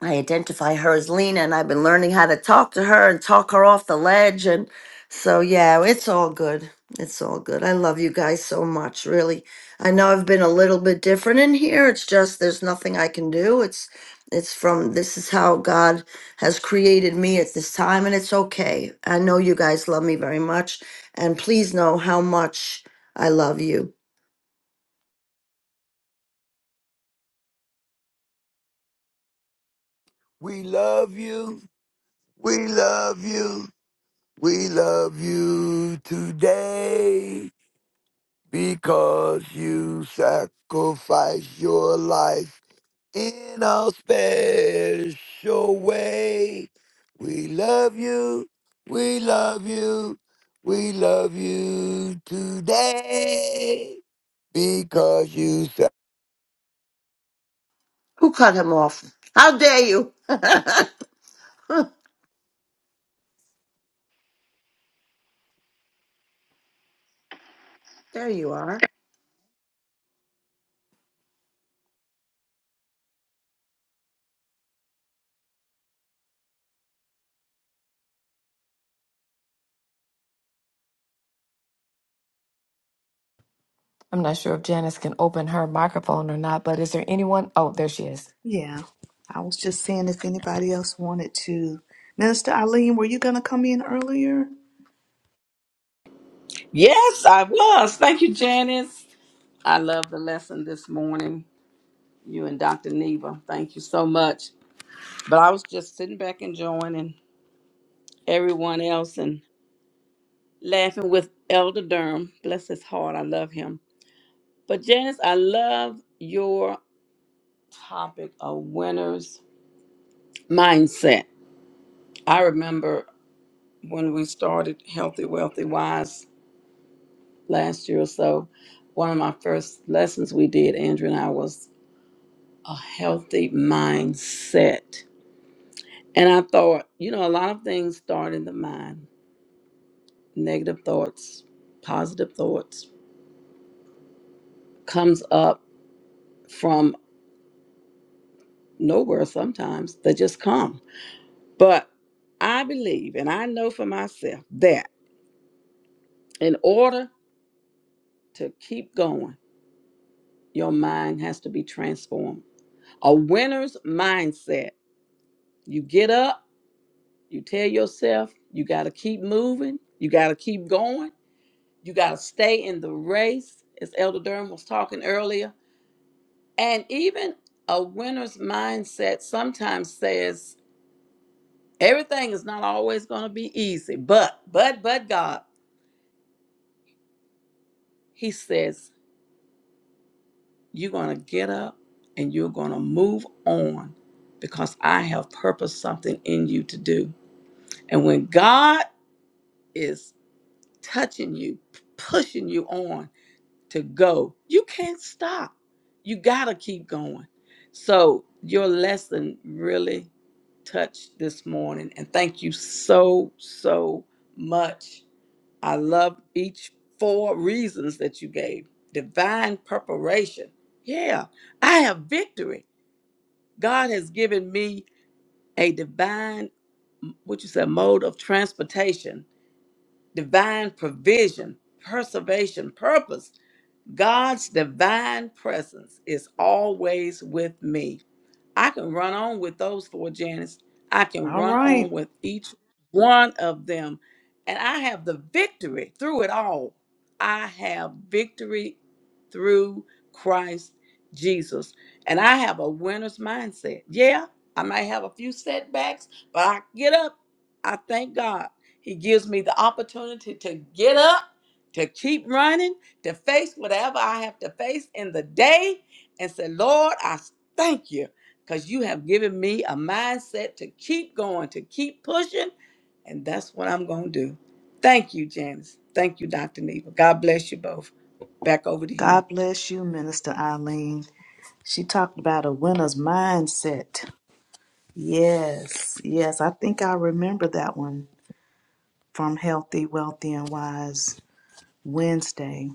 [SPEAKER 10] I identify her as Lena, and I've been learning how to talk to her and talk her off the ledge. And so, yeah, it's all good. It's all good. I love you guys so much, really. I know I've been a little bit different in here. It's just there's nothing I can do. It's it's from this is how God has created me at this time, and it's okay. I know you guys love me very much, and please know how much I love you.
[SPEAKER 5] We love you. We love you. We love you today because you sacrificed your life in a special way. We love you. We love you. We love you today because you said,
[SPEAKER 10] Who cut him off? How dare you? there you are.
[SPEAKER 3] I'm not sure if Janice can open her microphone or not, but is there anyone? Oh, there she is.
[SPEAKER 4] Yeah. I was just seeing if anybody else wanted to. Minister Eileen, were you going to come in earlier?
[SPEAKER 8] Yes, I was. Thank you, Janice. I love the lesson this morning. You and Dr. Neva. Thank you so much. But I was just sitting back enjoying and everyone else and laughing with Elder Durham. Bless his heart. I love him. But Janice, I love your topic of winners mindset. I remember when we started Healthy, Wealthy, Wise last year or so, one of my first lessons we did, Andrew and I, was a healthy mindset. And I thought, you know, a lot of things start in the mind. Negative thoughts, positive thoughts comes up from nowhere sometimes. They just come. But I believe and I know for myself that in order to keep going, your mind has to be transformed. A winner's mindset. You get up, you tell yourself you got to keep moving, you got to keep going You got to stay in the race, as Elder Durham was talking earlier. And even a winner's mindset sometimes says everything is not always going to be easy, but, but, but God, He says, you're going to get up and you're going to move on because I have purposed something in you to do. And when God is touching you, pushing you on, to go. You can't stop. You got to keep going. So, your lesson really touched this morning. And thank you so, so much. I love each four reasons that you gave divine preparation. Yeah, I have victory. God has given me a divine, what you said, mode of transportation, divine provision, preservation, purpose God's divine presence is always with me. I can run on with those four, Janice. I can
[SPEAKER 4] All
[SPEAKER 8] run
[SPEAKER 4] right.
[SPEAKER 8] on with each one of them. And I have the victory through it all. I have victory through Christ Jesus. And I have a winner's mindset. Yeah, I might have a few setbacks, but I get up. I thank God. He gives me the opportunity to get up, to keep running, to face whatever I have to face in the day and say, Lord, I thank you because you have given me a mindset to keep going, to keep pushing, and that's what I'm going to do. Thank you, Janice. Thank you, Dr. Neva. God bless you both. Back over to you.
[SPEAKER 4] God bless you, Minister Eileen. She talked about a winner's mindset. Yes, yes, I think I remember that one from Healthy, Wealthy, and Wise Wednesday.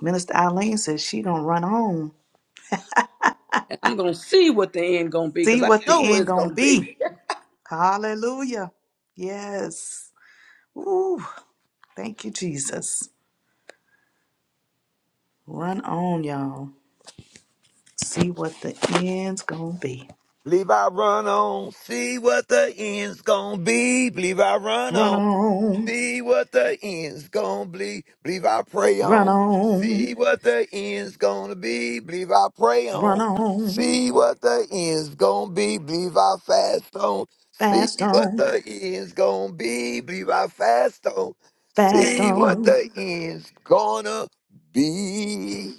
[SPEAKER 4] Minister Eileen says she gonna run on,
[SPEAKER 8] And I'm going to see what the end going to be
[SPEAKER 4] see
[SPEAKER 8] because I
[SPEAKER 4] what the
[SPEAKER 8] know what
[SPEAKER 4] end
[SPEAKER 8] it's
[SPEAKER 4] gonna
[SPEAKER 8] going to be.
[SPEAKER 4] be. Hallelujah. Yes. Ooh, thank you, Jesus. Run on, y'all. See what the end's gonna be.
[SPEAKER 5] Believe I run on, see what the end's gonna be. Believe I run on.
[SPEAKER 4] Run on,
[SPEAKER 5] See what the end's gonna be. Believe I pray
[SPEAKER 4] run
[SPEAKER 5] on.
[SPEAKER 4] on,
[SPEAKER 5] See what the end's gonna be. Believe I pray
[SPEAKER 4] run
[SPEAKER 5] on.
[SPEAKER 4] on.
[SPEAKER 5] See what the end's gonna be. Believe I fast on. See
[SPEAKER 4] Fast
[SPEAKER 5] what
[SPEAKER 4] on,
[SPEAKER 5] the end's gonna be. Believe I fast on.
[SPEAKER 4] fast
[SPEAKER 5] See what
[SPEAKER 4] on.
[SPEAKER 5] the end's gonna be.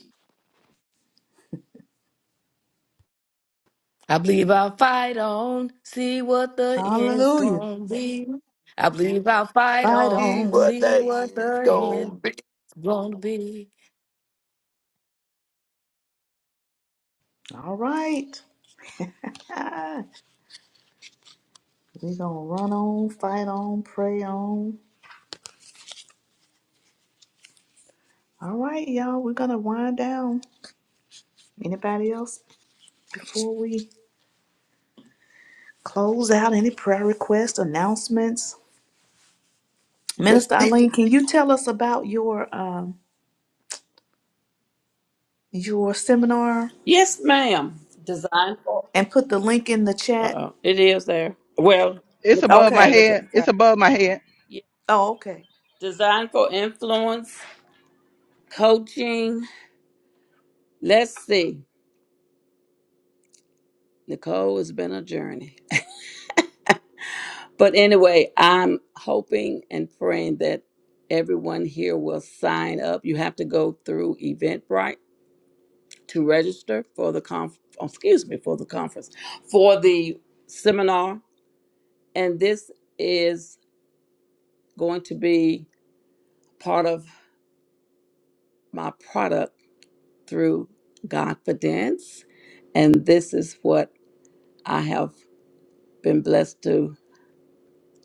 [SPEAKER 3] I believe I'll fight on, see what the end's
[SPEAKER 4] Hallelujah.
[SPEAKER 3] gonna be. I believe I'll fight
[SPEAKER 4] Fight
[SPEAKER 5] See
[SPEAKER 3] on,
[SPEAKER 4] on.
[SPEAKER 5] what
[SPEAKER 3] see
[SPEAKER 5] the
[SPEAKER 3] what
[SPEAKER 5] end's
[SPEAKER 3] the
[SPEAKER 5] gonna
[SPEAKER 3] end's
[SPEAKER 5] be.
[SPEAKER 3] gonna be.
[SPEAKER 4] All right. We're gonna run on, fight on, pray on. All right, y'all. We're gonna wind down. Anybody else before we close out? Any prayer requests, announcements? Minister
[SPEAKER 5] Just keep.
[SPEAKER 4] Eileen, can you tell us about your um your seminar
[SPEAKER 8] yes, ma'am. Design for.
[SPEAKER 4] and put the link in the chat?
[SPEAKER 8] Uh, it is there. Well,
[SPEAKER 1] It's
[SPEAKER 8] Nicole
[SPEAKER 1] above my
[SPEAKER 8] got
[SPEAKER 4] Okay.
[SPEAKER 8] it at
[SPEAKER 1] head.
[SPEAKER 8] the
[SPEAKER 1] It's
[SPEAKER 8] time.
[SPEAKER 1] above my head.
[SPEAKER 8] Yeah.
[SPEAKER 4] Oh, okay.
[SPEAKER 8] Design for influence, coaching. Let's see. Nicole, it's been a journey. But anyway, I'm hoping and praying that everyone here will sign up. You have to go through Eventbrite to register for the conf- oh, excuse me, for the conference, for the seminar. And this is going to be part of my product through Godfidence. And this is what I have been blessed to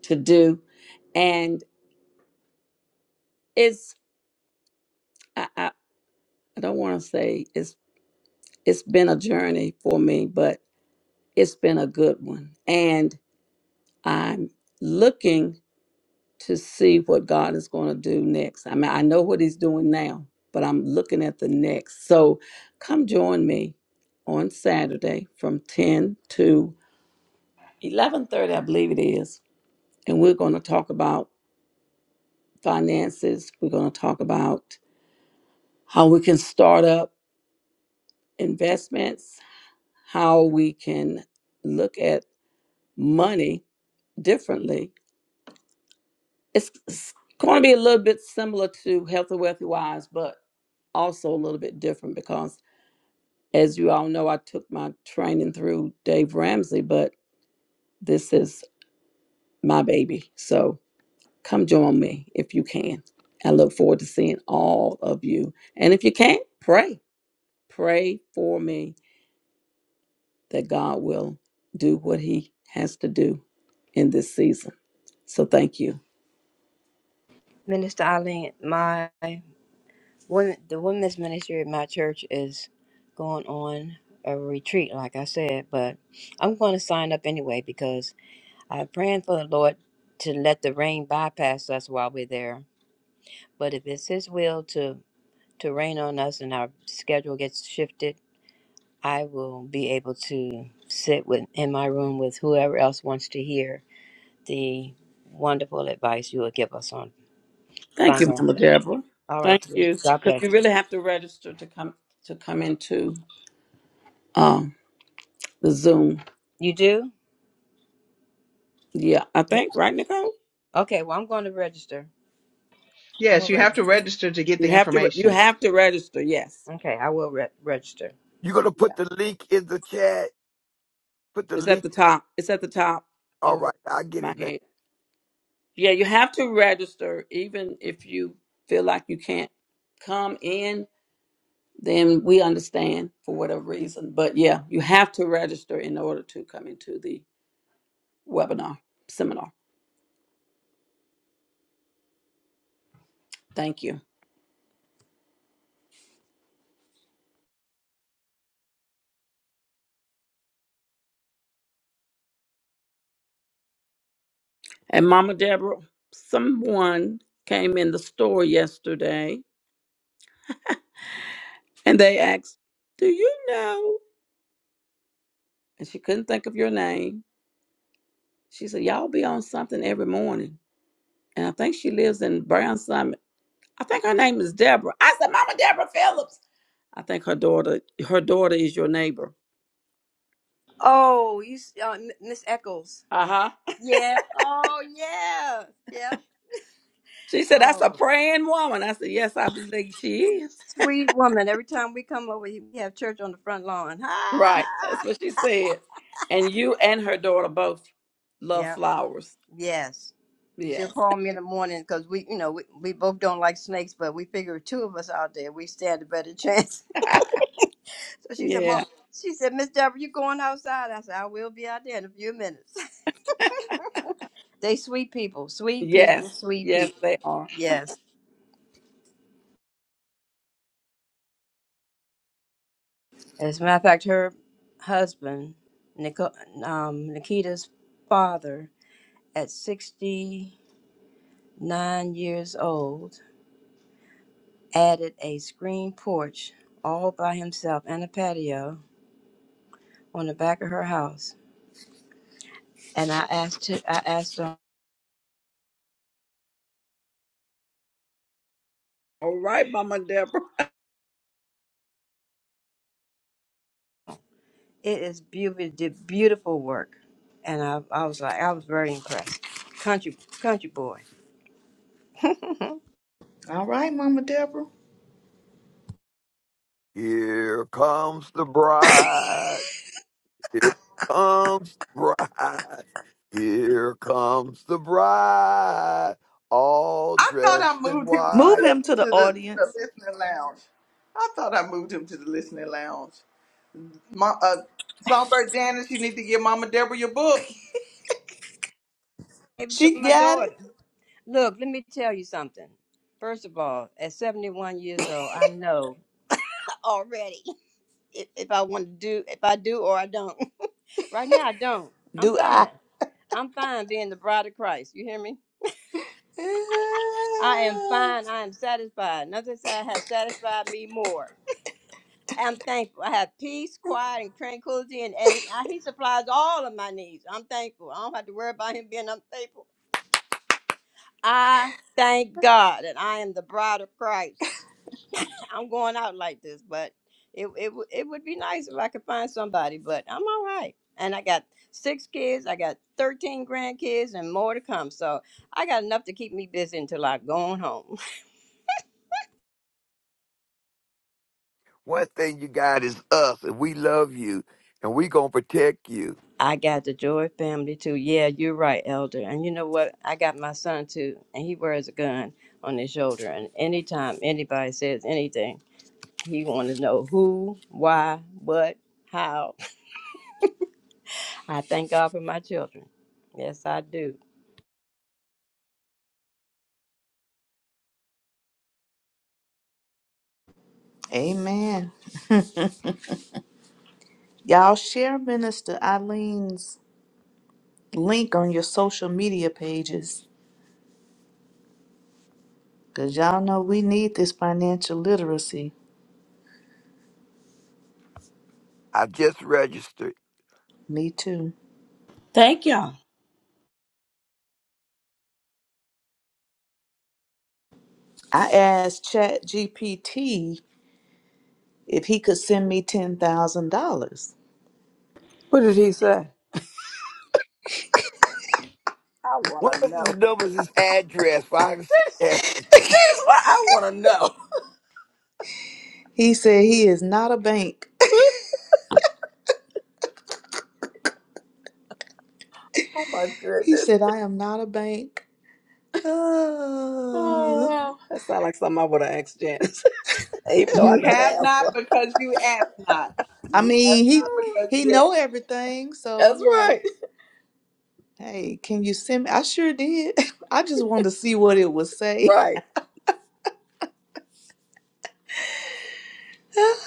[SPEAKER 8] to do. And it's I, I, I don't want to say it's it's been a journey for me, but it's been a good one. And I'm looking to see what God is going to do next. I mean, I know what He's doing now, but I'm looking at the next. So come join me on Saturday from 10 to 11:30, I believe it is, and we're going to talk about finances. We're going to talk about how we can start up investments, how we can look at money differently It's, it's going to be a little bit similar to Healthy Wealthy Wise, but also a little bit different because, as you all know, I took my training through Dave Ramsey, but this is my baby. So come join me if you can. I look forward to seeing all of you. And if you can't, pray. Pray for me that God will do what He has to do in this season. So thank you.
[SPEAKER 6] Minister Eileen, my women, the women's ministry at my church is going on a retreat, like I said, but I'm going to sign up anyway because I'm praying for the Lord to let the rain bypass us while we're there. But if it's His will to to rain on us and our schedule gets shifted, I will be able to sit with in my room with whoever else wants to hear the wonderful advice you will give us on
[SPEAKER 8] Thank you, Mama
[SPEAKER 6] financial.
[SPEAKER 8] Deborah.
[SPEAKER 6] All right,
[SPEAKER 8] Thank
[SPEAKER 6] sweetie.
[SPEAKER 8] you,
[SPEAKER 6] God
[SPEAKER 8] because
[SPEAKER 6] bless
[SPEAKER 8] you
[SPEAKER 6] you.
[SPEAKER 8] really have to register to come to come into um the Zoom.
[SPEAKER 6] You do?
[SPEAKER 8] Yeah, I
[SPEAKER 6] Yeah.
[SPEAKER 8] think right, Nicole.
[SPEAKER 6] Okay. Well, I'm going to register. I'm
[SPEAKER 1] Yes,
[SPEAKER 6] going to
[SPEAKER 1] you have to
[SPEAKER 6] register.
[SPEAKER 1] register to get
[SPEAKER 8] You
[SPEAKER 1] the
[SPEAKER 8] have to you
[SPEAKER 1] information.
[SPEAKER 8] have to register. Yes.
[SPEAKER 6] Okay, I will re- register.
[SPEAKER 5] You're gonna put
[SPEAKER 8] Yeah.
[SPEAKER 5] the link in the chat. Put the
[SPEAKER 8] It's at
[SPEAKER 5] link.
[SPEAKER 8] the top. It's at the top
[SPEAKER 5] All
[SPEAKER 8] over
[SPEAKER 5] right, I get
[SPEAKER 8] my
[SPEAKER 5] it now.
[SPEAKER 8] head. Yeah, you have to register, even if you feel like you can't come in. Then we understand for whatever reason. But yeah, you have to register in order to come into the webinar seminar. Thank you. And Mama Deborah, someone came in the store yesterday and they asked, Do you know? And she couldn't think of your name. She said, Y'all be on something every morning. And I think she lives in Brown Summit. I think her name is Deborah. I said, Mama Deborah Phillips. I think her daughter, her daughter is your neighbor.
[SPEAKER 6] Oh, you, s- uh, M- Miss Eccles.
[SPEAKER 8] Uh-huh.
[SPEAKER 6] Yeah. Oh, yeah. Yeah.
[SPEAKER 8] She said, That's a
[SPEAKER 6] Oh,
[SPEAKER 8] praying woman. I said, Yes, I believe she is.
[SPEAKER 6] sweet woman. Every time we come over, you- we have church on the front lawn.
[SPEAKER 8] Right. That's
[SPEAKER 6] Ah!
[SPEAKER 8] what she said. And you and her daughter both love
[SPEAKER 6] Yeah,
[SPEAKER 8] flowers.
[SPEAKER 6] yes. She'll
[SPEAKER 8] Yes.
[SPEAKER 6] call me in the morning because we, you know, we, we both don't like snakes, but we figure if two of us out there, we stand a better chance. So she said, Mom,
[SPEAKER 8] Yeah.
[SPEAKER 6] she said, Miss Deborah, you going outside? I said, I will be out there in a few minutes. they sweet people, sweet people,
[SPEAKER 8] Yes.
[SPEAKER 6] sweet
[SPEAKER 8] Yes,
[SPEAKER 6] people.
[SPEAKER 8] they are.
[SPEAKER 6] Yes. As a matter of fact, her husband, Nico, um, Nikita's father, at 60. nine years old, added a screened porch all by himself and a patio on the back of her house. And I asked her, I asked her,
[SPEAKER 8] All right, Mama Deborah.
[SPEAKER 6] it is beautiful, did beautiful work. And I, I was like, I was very impressed. Country, country boy.
[SPEAKER 4] All right, Mama Deborah.
[SPEAKER 5] Here comes the bride. Here comes the bride. Here comes the bride, all
[SPEAKER 1] I thought I
[SPEAKER 5] dressed in
[SPEAKER 1] moved him to
[SPEAKER 4] Move
[SPEAKER 1] the
[SPEAKER 5] white.
[SPEAKER 4] him to
[SPEAKER 1] to
[SPEAKER 4] the
[SPEAKER 1] the, to
[SPEAKER 4] audience.
[SPEAKER 1] the listening lounge. I thought I moved him to the listening lounge. My, uh, Songbird Janice, you need to give Mama Deborah your book.
[SPEAKER 6] Gave it to
[SPEAKER 4] She
[SPEAKER 6] my
[SPEAKER 4] got it.
[SPEAKER 6] daughter. Look, let me tell you something. First of all, at 71 years old, I know already if, if I want to do, if I do or I don't. Right now, I don't. I'm
[SPEAKER 4] Do I?
[SPEAKER 6] fine. I'm fine being the bride of Christ. You hear me? I am fine. I am satisfied. Nothing sa- has satisfied me more. I'm thankful. I have peace, quiet, and tranquility, and, and I- He supplies all of my needs. I'm thankful. I don't have to worry about Him being unfaithful. I thank God that I am the bride of Christ. I'm going out like this, but it it would it would be nice if I could find somebody, but I'm all right. And I got six kids, I got 13 grandkids and more to come. So I got enough to keep me busy until I go on home.
[SPEAKER 5] One thing you got is us, and we love you, and we gonna protect you.
[SPEAKER 6] I got the Joy family too. Yeah, you're right, Elder. And you know what? I got my son too, and he wears a gun on his shoulder. And anytime anybody says anything, he want to know who, why, what, how. I thank God for my children. Yes, I do.
[SPEAKER 4] Amen. Y'all share Minister Eileen's link on your social media pages. Cause y'all know we need this financial literacy.
[SPEAKER 5] I just registered.
[SPEAKER 4] Me too.
[SPEAKER 8] Thank y'all.
[SPEAKER 4] I asked Chat GPT if he could send me ten thousand dollars.
[SPEAKER 8] What did he say? I want to
[SPEAKER 5] What is this
[SPEAKER 8] know.
[SPEAKER 5] number? This address? If I can s- yes,
[SPEAKER 8] That's what I want to know.
[SPEAKER 4] He said he is not a bank.
[SPEAKER 8] oh my
[SPEAKER 4] He
[SPEAKER 8] goodness.
[SPEAKER 4] said I am not a bank.
[SPEAKER 8] Oh
[SPEAKER 4] Uh,
[SPEAKER 8] wow. That sounds like something I would have asked Janice, even though I
[SPEAKER 1] You
[SPEAKER 8] know the
[SPEAKER 1] have not
[SPEAKER 8] answer.
[SPEAKER 1] because you asked not.
[SPEAKER 4] I
[SPEAKER 1] You have
[SPEAKER 4] mean he
[SPEAKER 1] not because
[SPEAKER 4] he
[SPEAKER 1] you asked.
[SPEAKER 4] know everything, so I'm
[SPEAKER 8] That's
[SPEAKER 4] like
[SPEAKER 8] right.
[SPEAKER 4] Hey, can you send me? I sure did. I just wanted to see what it would say.
[SPEAKER 8] Right.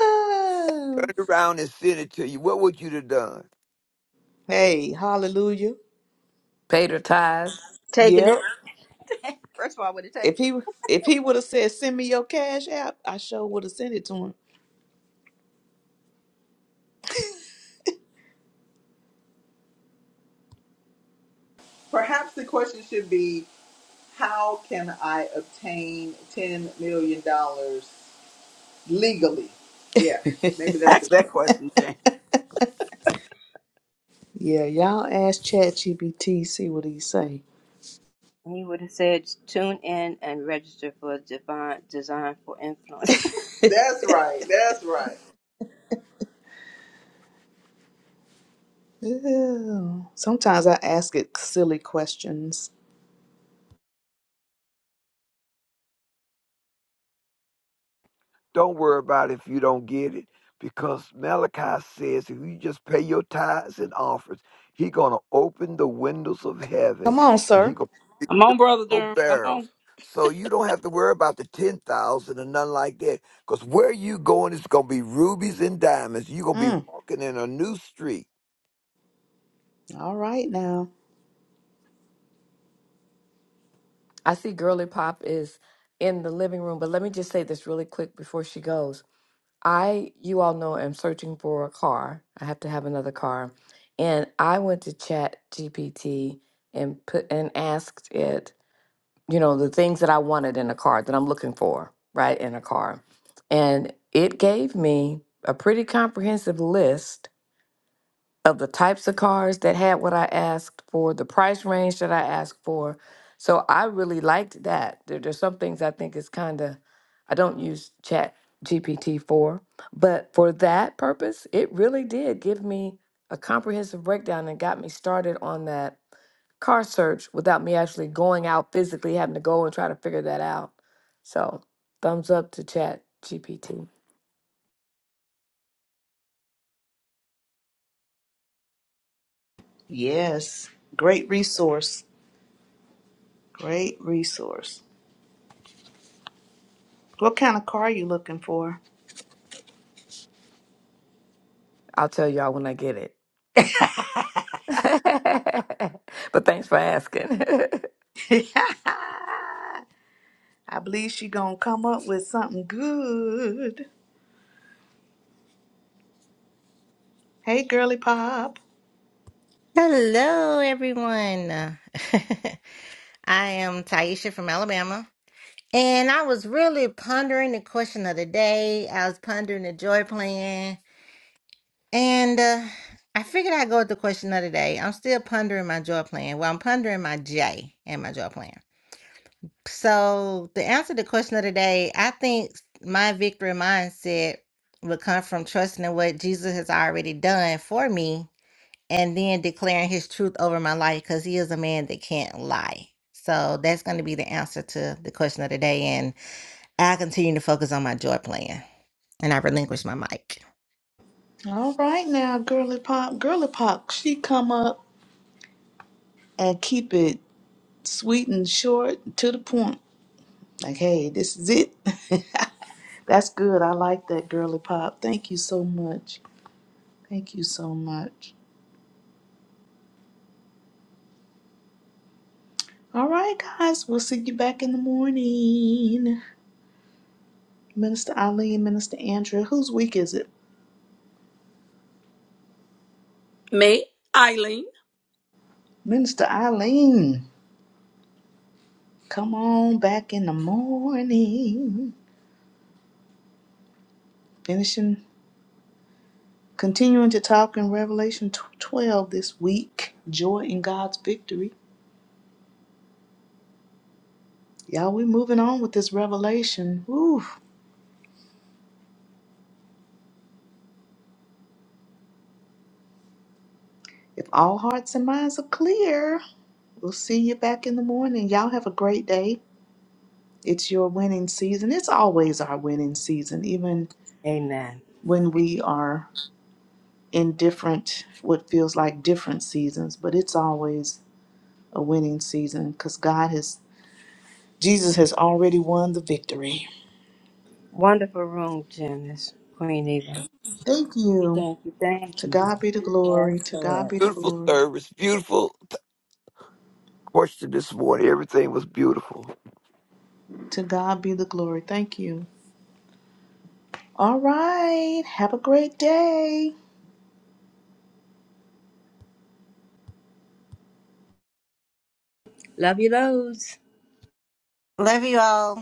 [SPEAKER 5] turn around and send it to you, what would you have done?
[SPEAKER 4] hey, hallelujah.
[SPEAKER 3] Paid her tithes.
[SPEAKER 6] Taking it
[SPEAKER 4] Yep.
[SPEAKER 6] First of all, I would have
[SPEAKER 4] If
[SPEAKER 6] taken. it.
[SPEAKER 4] he if he would have said send me your cash app, I sure would have sent it to him.
[SPEAKER 1] Perhaps the question should be how can I obtain ten million dollars legally? Yeah, maybe that's the
[SPEAKER 8] Ask that
[SPEAKER 1] question.
[SPEAKER 8] question, Janice.
[SPEAKER 4] yeah, y'all ask ChatGPT, see what he say.
[SPEAKER 6] He would have said, tune in and register for divine design for influence.
[SPEAKER 1] That's right. That's right.
[SPEAKER 4] Ew. Sometimes I ask it silly questions.
[SPEAKER 5] Don't worry about it if you don't get it, because Malachi says if you just pay your tithes and offerings, he's gonna open the windows of heaven
[SPEAKER 4] Come on,
[SPEAKER 5] and he
[SPEAKER 4] sir.
[SPEAKER 5] gonna fill
[SPEAKER 8] Come on, Brother Durham. Come
[SPEAKER 5] barrels.
[SPEAKER 8] on.
[SPEAKER 5] So you don't have to worry about the ten thousand and nothing like that, because where you going is gonna be rubies and diamonds. You're gonna be
[SPEAKER 4] Mm,
[SPEAKER 5] walking in a new street.
[SPEAKER 4] all right now.
[SPEAKER 3] I see Girly Pop is in the living room, but let me just say this really quick before she goes. I, you all know, am searching for a car. I have to have another car. And I went to Chat GPT and put and asked it, you know, the things that I wanted in a car that I'm looking for, right, in a car. And it gave me a pretty comprehensive list of the types of cars that had what I asked for, the price range that I asked for. So I really liked that. There, there's some things I think is kind of, I don't use Chat GPT for, but for that purpose, it really did give me a comprehensive breakdown and got me started on that car search without me actually going out physically having to go and try to figure that out. So thumbs up to Chat GPT.
[SPEAKER 4] Yes. Great resource. Great resource. What kind of car you looking for?
[SPEAKER 3] I'll tell y'all when I get it.
[SPEAKER 4] I
[SPEAKER 3] but thanks for asking.
[SPEAKER 4] believe she gonna come up with something good. Hey, girly pop.
[SPEAKER 11] Hello, everyone. I am Taisha from Alabama, and I was really pondering the question of the day. I was pondering the joy plan, and uh, I figured I'd go with the question of the day. I'm still pondering my joy plan. Well, I'm pondering my J and my joy plan. So, to answer the question of the day, I think my victory mindset would come from trusting in what Jesus has already done for me and then declaring his truth over my life because he is a man that can't lie. So that's going to be the answer to the question of the day. And I continue to focus on my joy plan and I relinquish my mic.
[SPEAKER 4] All right now, girly pop, girly pop. She come up and keep it sweet and short to the point. Like, hey, this is it. That's good. I like that, girly pop. Thank you so much. Thank you so much. All right, guys. We'll see you back in the morning. Minister Ali and Minister Andrea. Whose week is it?
[SPEAKER 8] Me, Eileen.
[SPEAKER 4] Minister Eileen, come on back in the morning. Finishing, continuing to talk in Revelation tw- 12 this week. Joy in God's victory. Y'all, we are moving on with this revelation. Woo. If all hearts and minds are clear, we'll see you back in the morning. Y'all have a great day. It's your winning season. It's always our winning season, even
[SPEAKER 6] Amen.
[SPEAKER 4] when we are in different, what feels like different seasons, but it's always a winning season because God has, Jesus has already won the victory.
[SPEAKER 6] Wonderful room, Janice. Queen Eva.
[SPEAKER 4] Thank
[SPEAKER 6] You
[SPEAKER 4] you.
[SPEAKER 6] thank you, thank
[SPEAKER 4] To
[SPEAKER 6] you.
[SPEAKER 4] God be the glory.
[SPEAKER 6] Yes,
[SPEAKER 4] To God
[SPEAKER 6] Lord.
[SPEAKER 4] be the
[SPEAKER 5] Beautiful
[SPEAKER 4] glory.
[SPEAKER 5] service, beautiful question this morning. Everything was beautiful.
[SPEAKER 4] To God be the glory. Thank you. All right. Have a great day.
[SPEAKER 6] Love you loads.
[SPEAKER 11] Love you all.